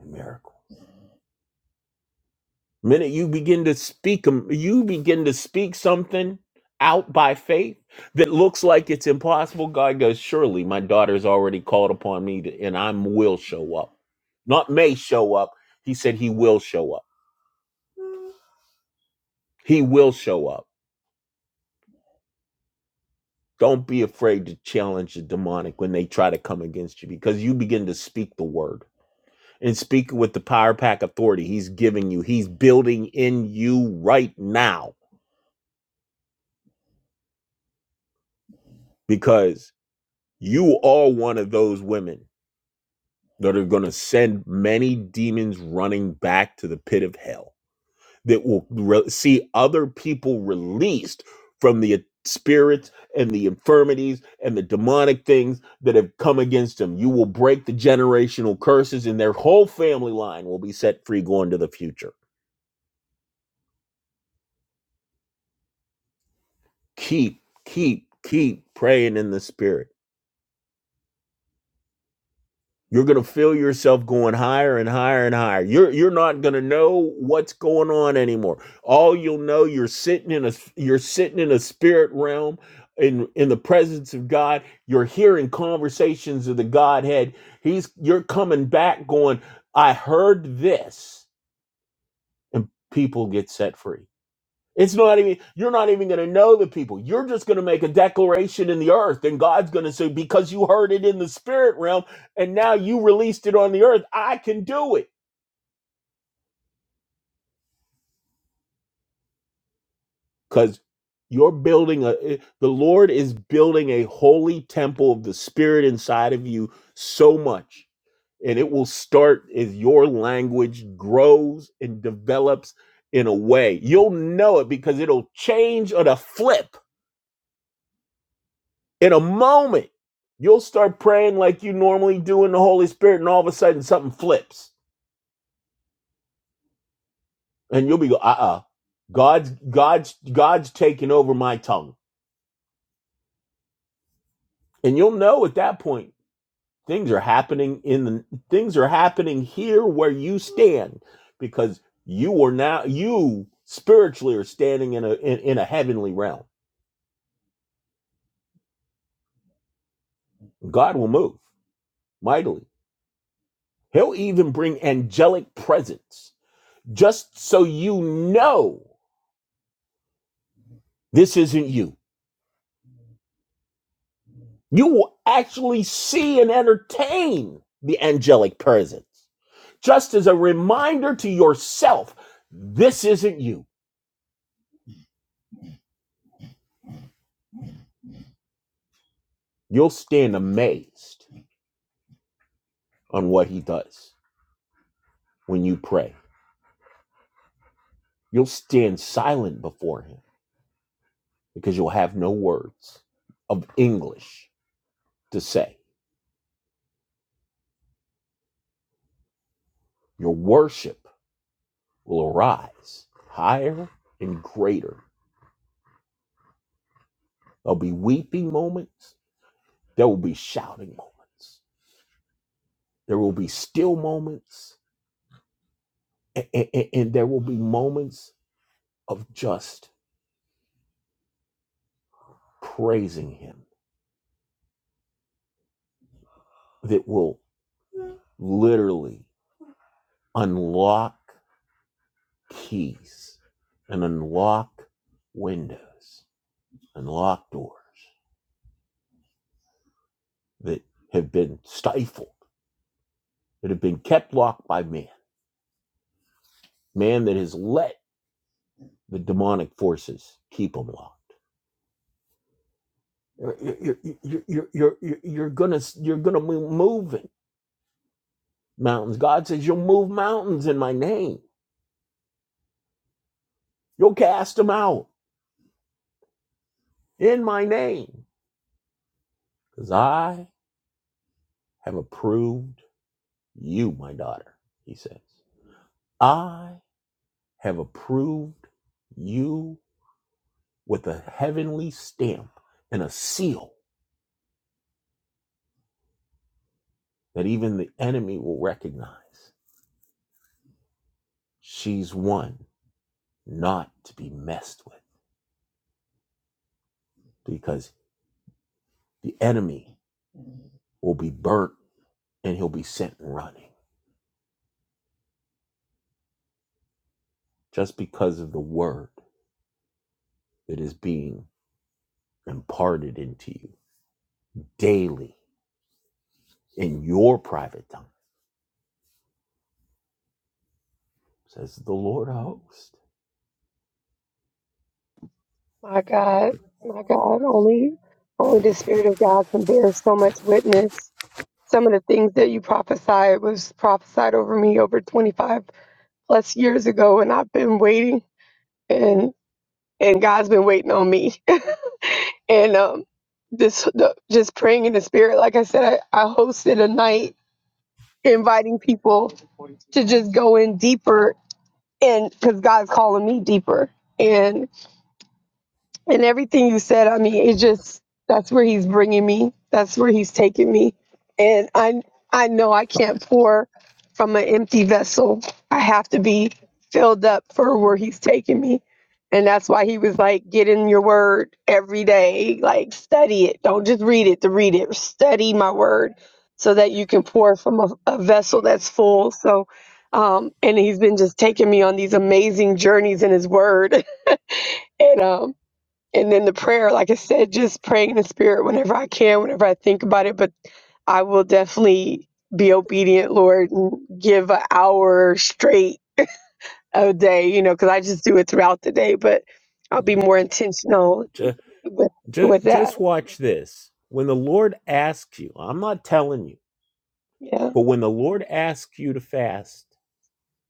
[SPEAKER 2] in miracle." Minute you begin to speak, 'em- you begin to speak something out by faith that looks like it's impossible. God goes, "Surely my daughter's already called upon me, to, and I will show up. Not may show up. He said he will show up." He will show up. Don't be afraid to challenge the demonic when they try to come against you because you begin to speak the word and speak with the power pack authority he's giving you. He's building in you right now because you are one of those women that are going to send many demons running back to the pit of hell. that will re- see other people released from the spirits and the infirmities and the demonic things that have come against them. You will break the generational curses, and their whole family line will be set free going to the future. Keep, keep, keep praying in the spirit You're going to feel yourself going higher and higher and higher. You're you're not going to know what's going on anymore. All you'll know you're sitting in a you're sitting in a spirit realm in in the presence of God. You're hearing conversations of the Godhead. He's you're coming back going, "I heard this." And people get set free. It's not even, you're not even going to know the people. You're just going to make a declaration in the earth, and God's going to say, because you heard it in the spirit realm and now you released it on the earth, I can do it. Because you're building a, eh, the Lord is building a holy temple of the spirit inside of you so much. And it will start as your language grows and develops in a way. You'll know it because it'll change on a flip in a moment you'll start praying like you normally do in the holy spirit and all of a sudden something flips and you'll be go uh-uh god's god's god's taking over my tongue and you'll know at that point things are happening in the things are happening here where you stand because you are now you spiritually are standing in a in, in a heavenly realm god will move mightily he'll even bring angelic presence just so you know this isn't you You will actually see and entertain the angelic presence. Just as a reminder to yourself, this isn't you. You'll stand amazed on what he does when you pray. You'll stand silent before him because you'll have no words of English to say. Your worship will arise higher and greater. There'll be weeping moments, there will be shouting moments, there will be still moments, A- a- and, there will be moments of just praising him that will literally unlock keys and unlock windows unlock doors that have been stifled that have been kept locked by man man that has let the demonic forces keep them locked you're, you're, you're, you're, you're you're gonna you're gonna be moving mountains god says you'll move mountains in my name you'll cast them out in my name, because I have approved you, my daughter, he says. I have approved you with a heavenly stamp and a seal that even the enemy will recognize. She's one not to be messed with because the enemy will be burnt and he'll be sent running just because of the word that is being imparted into you daily in your private time says the Lord of hosts.
[SPEAKER 6] My God, my God, only, only the Spirit of God can bear so much witness. Some of the things that you prophesied was prophesied over me over 25 plus years ago and I've been waiting and and God's been waiting on me. [laughs] And um this the, just praying in the spirit like I said I, I hosted a night inviting people to just go in deeper and cuz God's calling me deeper. and. and everything you said i mean it just that's where he's bringing me that's where he's taking me and i i know i can't pour from an empty vessel i have to be filled up for where he's taking me and that's why he was like get in your word every day like study it don't just read it to read it study my word so that you can pour from a, a vessel that's full so um, and he's been just taking me on these amazing journeys in his word [laughs] and um, and then the prayer, like I said, just praying in the spirit whenever I can, whenever I think about it. But I will definitely be obedient, Lord, and give an hour straight a day, you know, because I just do it throughout the day. But I'll be more intentional
[SPEAKER 2] Just,
[SPEAKER 6] with
[SPEAKER 2] just
[SPEAKER 6] with that.
[SPEAKER 2] just watch this. When the Lord asks you, I'm not telling you,
[SPEAKER 6] Yeah,
[SPEAKER 2] but when the Lord asks you to fast,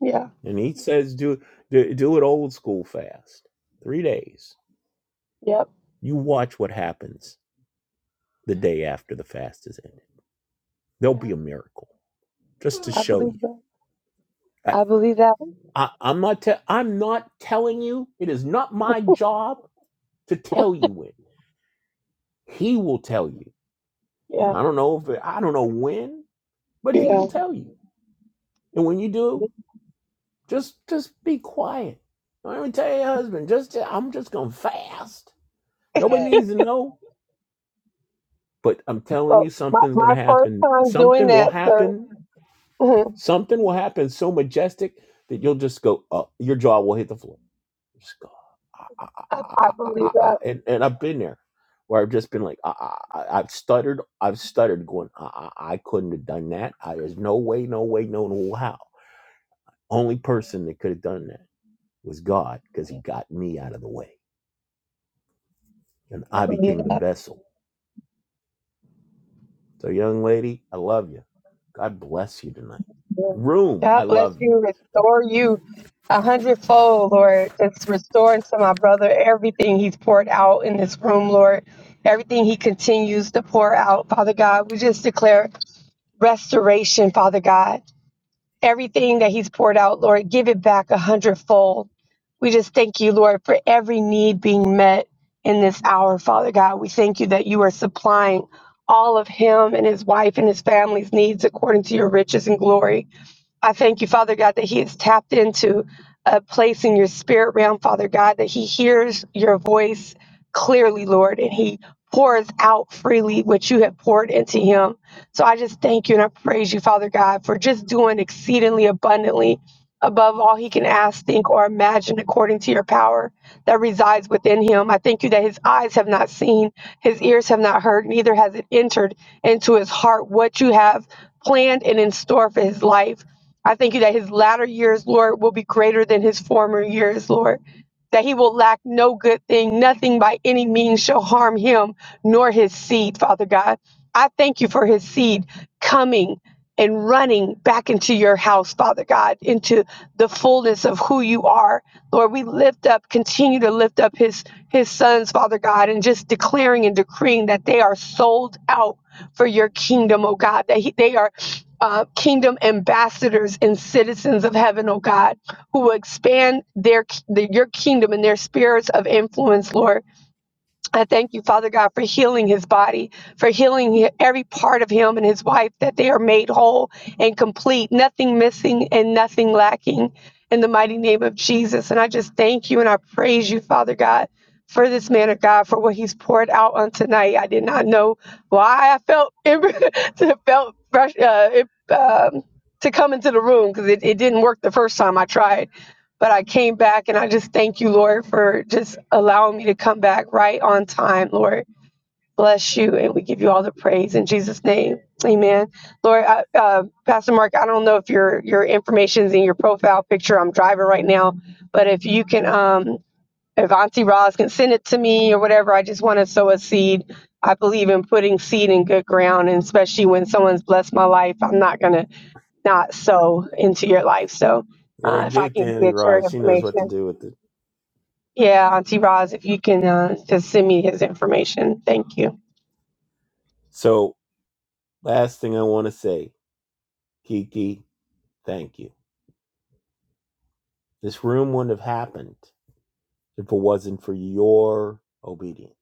[SPEAKER 6] yeah,
[SPEAKER 2] and He says do do, do it old school fast, three days,
[SPEAKER 6] yep,
[SPEAKER 2] you watch what happens the day after the fast is ended. There'll be
[SPEAKER 6] yeah.
[SPEAKER 2] a miracle, just to
[SPEAKER 6] I
[SPEAKER 2] show
[SPEAKER 6] believe
[SPEAKER 2] you.
[SPEAKER 6] that.
[SPEAKER 2] I,
[SPEAKER 6] I believe that.
[SPEAKER 2] I, I'm not te- I'm not telling you. It is not my job to tell you it. He will tell you.
[SPEAKER 6] Yeah,
[SPEAKER 2] I don't know if it, I don't know when. but he
[SPEAKER 6] yeah.
[SPEAKER 2] will tell you. And when you do, just just be quiet. Don't even tell your husband. Just I'm just gonna fast. Nobody needs to know. But I'm telling
[SPEAKER 6] Well,
[SPEAKER 2] you,
[SPEAKER 6] my
[SPEAKER 2] something's gonna
[SPEAKER 6] my first
[SPEAKER 2] happen.
[SPEAKER 6] time doing
[SPEAKER 2] Something will
[SPEAKER 6] that, sir.
[SPEAKER 2] happen.
[SPEAKER 6] [laughs]
[SPEAKER 2] Something will happen so majestic that you'll just go up. Your jaw will hit the floor. Just go. "Ah, ah, ah,
[SPEAKER 6] I,
[SPEAKER 2] ah,
[SPEAKER 6] I
[SPEAKER 2] ah, ah, ah,"
[SPEAKER 6] believe
[SPEAKER 2] ah,
[SPEAKER 6] that.
[SPEAKER 2] ah." And and I've been there where I've just been like, "Ah, ah, ah," ah." I've stuttered. I've stuttered, going, "Ah, ah, ah, I couldn't have done that. I, there's no way, no way, no, no how. Only person that could have done that was God because he got me out of the way and
[SPEAKER 6] I
[SPEAKER 2] I
[SPEAKER 6] believe
[SPEAKER 2] became the
[SPEAKER 6] that.
[SPEAKER 2] vessel. So, young lady, I love you. God bless you tonight. Room, I
[SPEAKER 6] God bless
[SPEAKER 2] love you.
[SPEAKER 6] you. Restore you a hundredfold, Lord. Just restore to my brother everything he's poured out in this room, Lord. Everything he continues to pour out, Father God. We just declare restoration, Father God. Everything that he's poured out, Lord, give it back a hundredfold. We just thank you, Lord, for every need being met in this hour, Father God. We thank you that you are supplying all of him and his wife and his family's needs according to your riches and glory. I thank you, Father God, that He is tapped into a place in your spirit realm, Father God, that He hears your voice clearly, Lord, and He pours out freely what you have poured into Him. So I just thank you and I praise you, Father God, for just doing exceedingly abundantly above all He can ask, think, or imagine according to your power that resides within Him. I thank you that His eyes have not seen, His ears have not heard, neither has it entered into His heart what you have planned and in store for His life. I thank you that his latter years, Lord, will be greater than his former years, Lord. That he will lack no good thing, nothing by any means shall harm him nor his seed, Father God. I thank you for his seed coming and running back into your house, Father God, into the fullness of who you are. Lord, we lift up, continue to lift up his his sons, Father God, and just declaring and decreeing that they are sold out for your kingdom, oh God, that he, they are uh, kingdom ambassadors and citizens of heaven, oh God, who will expand their, the, your kingdom and their spirits of influence, Lord. I thank you, Father God, for healing his body, for healing every part of him and his wife, that they are made whole and complete, nothing missing and nothing lacking in the mighty name of Jesus. And I just thank you and I praise you, Father God, for this man of God, for what he's poured out on tonight. I did not know why I felt, [laughs] felt fresh, uh, it, um, to come into the room because it, it didn't work the first time I tried but I came back and I just thank you, Lord, for just allowing me to come back right on time, Lord. Bless you, and we give you all the praise in Jesus' name, Amen. Lord, I, uh, Pastor Mark, I don't know if your your information's in your profile picture. I'm driving right now, but if you can, um, if Auntie Roz can send it to me or whatever, I just want to sow a seed. I believe in putting seed in good ground, and especially when someone's blessed my life, I'm not gonna not sow into your life. So,
[SPEAKER 2] Yeah,
[SPEAKER 6] uh, if
[SPEAKER 2] give
[SPEAKER 6] I
[SPEAKER 2] it to
[SPEAKER 6] can
[SPEAKER 2] Annie
[SPEAKER 6] get your
[SPEAKER 2] Rod. She knows what
[SPEAKER 6] information.
[SPEAKER 2] to do with it.
[SPEAKER 6] Yeah, Auntie Roz, if you can uh, just send me his information. Thank you.
[SPEAKER 2] So, last thing I want to say, Kiki, thank you. This room wouldn't have happened if it wasn't for your obedience.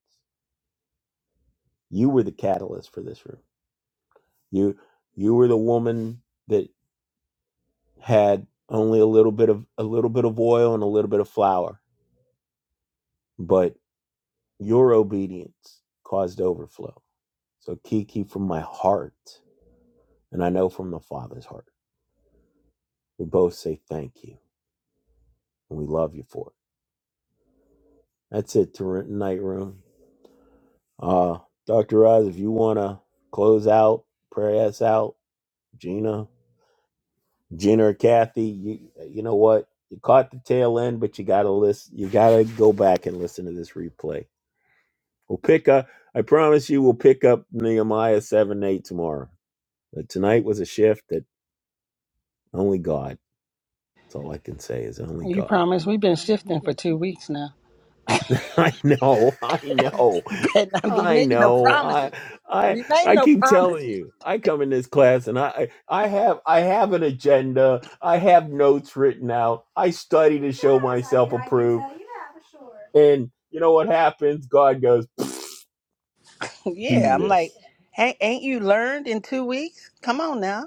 [SPEAKER 2] You were the catalyst for this room. You you were the woman had only a little bit of a little bit of oil and a little bit of flour, but your obedience caused overflow. So Kiki, from my heart, and I know from the Father's heart, we both say thank you and we love you for it. That's it to night room. Uh, Doctor Oz, if you wanna close out, pray us out, Gina, Gina or Kathy, you you know what? You caught the tail end, but you gotta listen. You gotta go back and listen to this replay We'll pick up. I promise you, we'll pick up Nehemiah seven eight tomorrow. But tonight was a shift that only God. That's all I can say is only
[SPEAKER 1] You
[SPEAKER 2] God.
[SPEAKER 1] promise we've been shifting for two weeks now. [laughs]
[SPEAKER 2] [laughs] I know. I know.
[SPEAKER 1] You better not be
[SPEAKER 2] I
[SPEAKER 1] making no
[SPEAKER 2] know. I
[SPEAKER 1] promises. Don't
[SPEAKER 2] I
[SPEAKER 1] be making
[SPEAKER 2] I
[SPEAKER 1] no
[SPEAKER 2] keep
[SPEAKER 1] promises.
[SPEAKER 2] telling you. I come in this class and I I I have I have an agenda. I have notes written out. I study to show myself approved. And you know what happens? God goes, do this.
[SPEAKER 1] Hey, ain't you in two weeks? Come on now.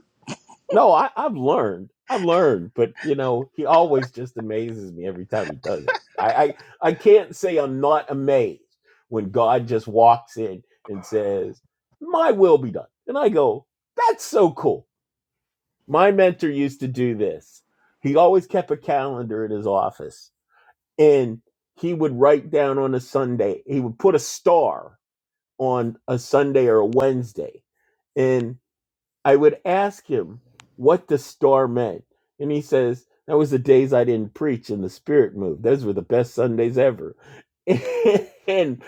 [SPEAKER 2] No, I, I've learned. I've learned, but you know, he always just amazes me every time he does it. I, I, I can't say I'm not amazed when God just walks in and says, My will be done. And I go, That's so cool. My mentor used to do this. He always kept a calendar in his office and he would write down on a Sunday, he would put a star on a Sunday or a Wednesday I would ask him what the star meant. And he says, That was the days I didn't preach and the spirit moved. Those were the best Sundays ever. [laughs] and,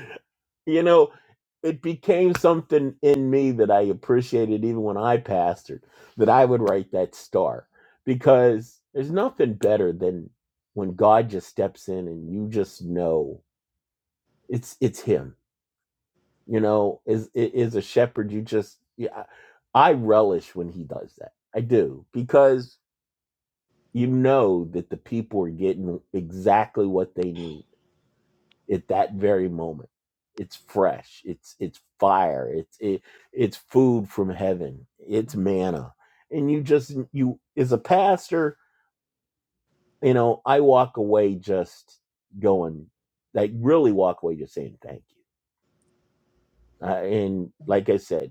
[SPEAKER 2] you know, it became something in me that I appreciated even when I pastored, that I would write that star because there's nothing better than when God just steps in and you just know it's it's him you know is is a shepherd you just yeah, i relish when he does that i do because you know that the people are getting exactly what they need at that very moment it's fresh it's it's fire it's it, it's food from heaven it's manna and you just you as a pastor you know i walk away just going like really walk away just saying thank you uh, and like i said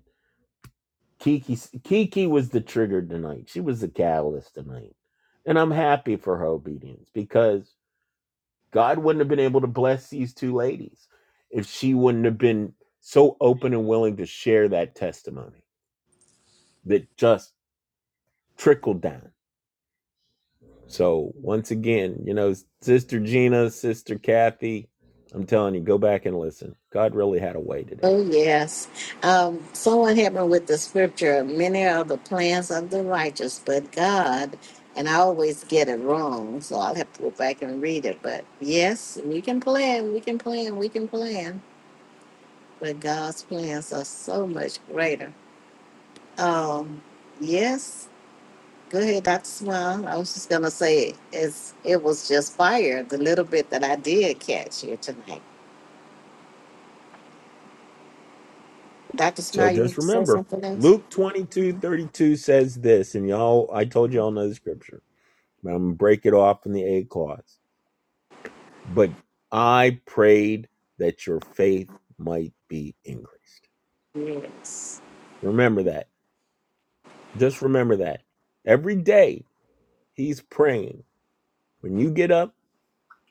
[SPEAKER 2] Kiki Kiki was the trigger tonight. She was the catalyst tonight. And I'm happy for her obedience because God wouldn't have been able to bless these two ladies if she wouldn't have been so open and willing to share that testimony that just trickled down. So once again, you know, Sister Gina, Sister Kathy, I'm telling you, go back and listen. God really had a way today.
[SPEAKER 8] Oh, yes. Um, someone helped me with the scripture. Many are the plans of the righteous, but God, and I always get it wrong, so I'll have to go back and read it. But yes, we can plan, we can plan, we can plan, but God's plans are so much greater. Um, yes, go ahead, Dr. Smile. I was just going to say it's, it was just fire, the little bit that I did catch here tonight. Dr.
[SPEAKER 2] So
[SPEAKER 8] Smile, you
[SPEAKER 2] just
[SPEAKER 8] want to say
[SPEAKER 2] remember,
[SPEAKER 8] something else?
[SPEAKER 2] Luke 22 32 says this, and y'all, I told y'all know the scripture I'm going to break it off in the A clause. But I prayed that your faith might be increased.
[SPEAKER 8] Yes.
[SPEAKER 2] Remember that. Just remember that. Every day, he's praying. When you get up,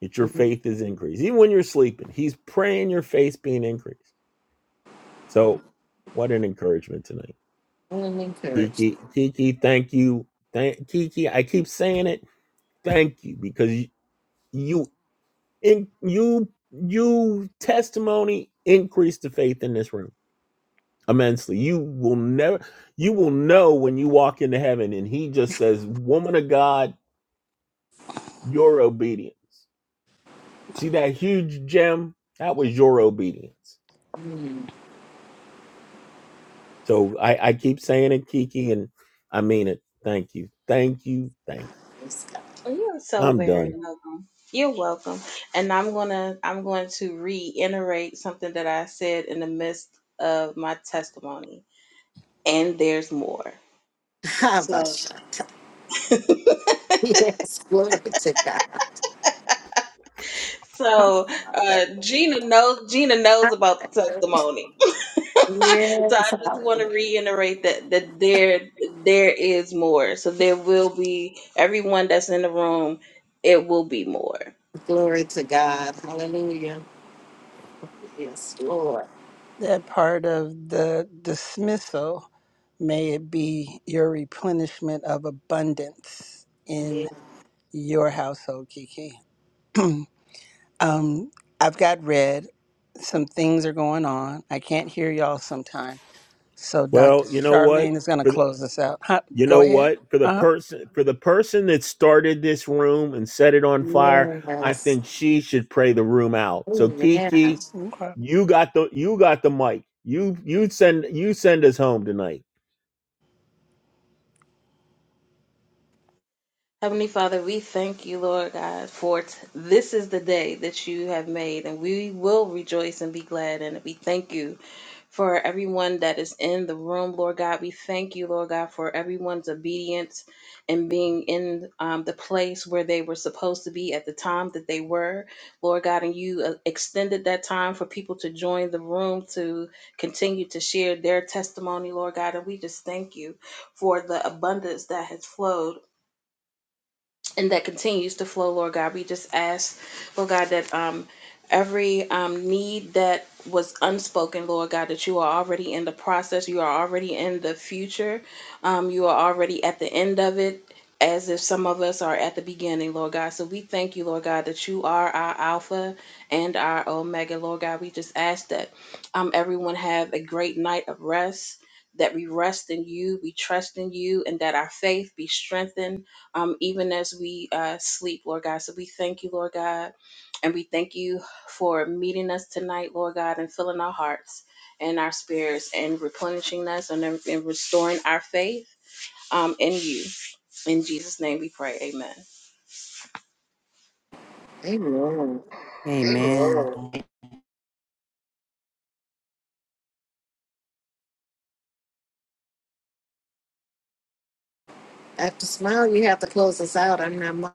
[SPEAKER 2] that your
[SPEAKER 8] Mm-hmm.
[SPEAKER 2] faith is increased. Even when you're sleeping, he's praying your faith being increased. So, what an encouragement tonight.
[SPEAKER 8] All and encouraged.
[SPEAKER 2] Kiki, Kiki, thank you. Thank Kiki, I keep saying it. Thank you because you, you In you you testimony increase the faith in this room immensely. You will never you will know when you walk into heaven and he just says, Woman of God, your obedience. See that huge gem? That was your obedience.
[SPEAKER 8] Mm,
[SPEAKER 2] So I, I keep saying it, Kiki, and I mean it. Thank you. Thank you. Thank
[SPEAKER 8] praise God.
[SPEAKER 3] You're
[SPEAKER 2] you.
[SPEAKER 3] so
[SPEAKER 2] I'm
[SPEAKER 3] very
[SPEAKER 2] done.
[SPEAKER 3] welcome. You're welcome. And I'm gonna I'm going to reiterate something that I said in the midst of my testimony. And there's more.
[SPEAKER 8] [laughs]
[SPEAKER 3] So
[SPEAKER 8] Habashaka. Yes, glory to God.
[SPEAKER 3] so
[SPEAKER 8] Hallelujah.
[SPEAKER 3] uh, Gina knows Gina knows about the testimony. [laughs] so
[SPEAKER 8] Yes,
[SPEAKER 3] I just want to
[SPEAKER 8] hallelujah.
[SPEAKER 3] reiterate that that there there is more. So there will be everyone that's in the room. It will be more.
[SPEAKER 8] Glory to God. Hallelujah. Yes, Lord.
[SPEAKER 1] That part of the dismissal, may it be your replenishment of abundance in
[SPEAKER 8] Ye-
[SPEAKER 1] your household, Kiki. Um, I've got red. Some things are going on. I can't hear y'all sometimes So Dr.
[SPEAKER 2] Well, you know what?
[SPEAKER 1] Charlene is going to
[SPEAKER 2] For
[SPEAKER 1] close this out. Huh?
[SPEAKER 2] You
[SPEAKER 1] Go
[SPEAKER 2] know
[SPEAKER 1] ahead.
[SPEAKER 2] what? For the
[SPEAKER 1] Uh huh.
[SPEAKER 2] person for the person that started this room and set it on fire, I
[SPEAKER 8] Yes.
[SPEAKER 2] think she should pray the room out. So
[SPEAKER 8] Amen.
[SPEAKER 2] Kiki,
[SPEAKER 1] Okay.
[SPEAKER 2] you got the you got the mic. You you send you send us home tonight.
[SPEAKER 3] Heavenly Father, we thank you, Lord God, for t- this is the day that you have made, and we will rejoice and be glad in it. We thank you for everyone that is in the room, Lord God. We thank you, Lord God, for everyone's obedience and being in um, the place where they were supposed to be at the time that they were, Lord God. And you uh, extended that time for people to join the room to continue to share their testimony, Lord God. And we just thank you for the abundance that has flowed and that continues to flow, Lord God. We just ask, Lord God, that um every um need that was unspoken, Lord God, that you are already in the process, you are already in the future, um, you are already at the end of it. As if some of us are at the beginning, Lord God. So we thank you, Lord God, that you are our Alpha and our Omega, Lord God. We just ask that um, everyone have a great night of rest, that we rest in you, we trust in you, and that our faith be strengthened um, even as we uh, sleep, Lord God. So we thank you, Lord God, and we thank you for meeting us tonight, Lord God, and filling our hearts and our spirits and replenishing us and, and restoring our faith um, in you. In Jesus' name we pray. Amen.
[SPEAKER 8] Amen.
[SPEAKER 9] Amen.
[SPEAKER 8] After smile, you have to close us out. I'm not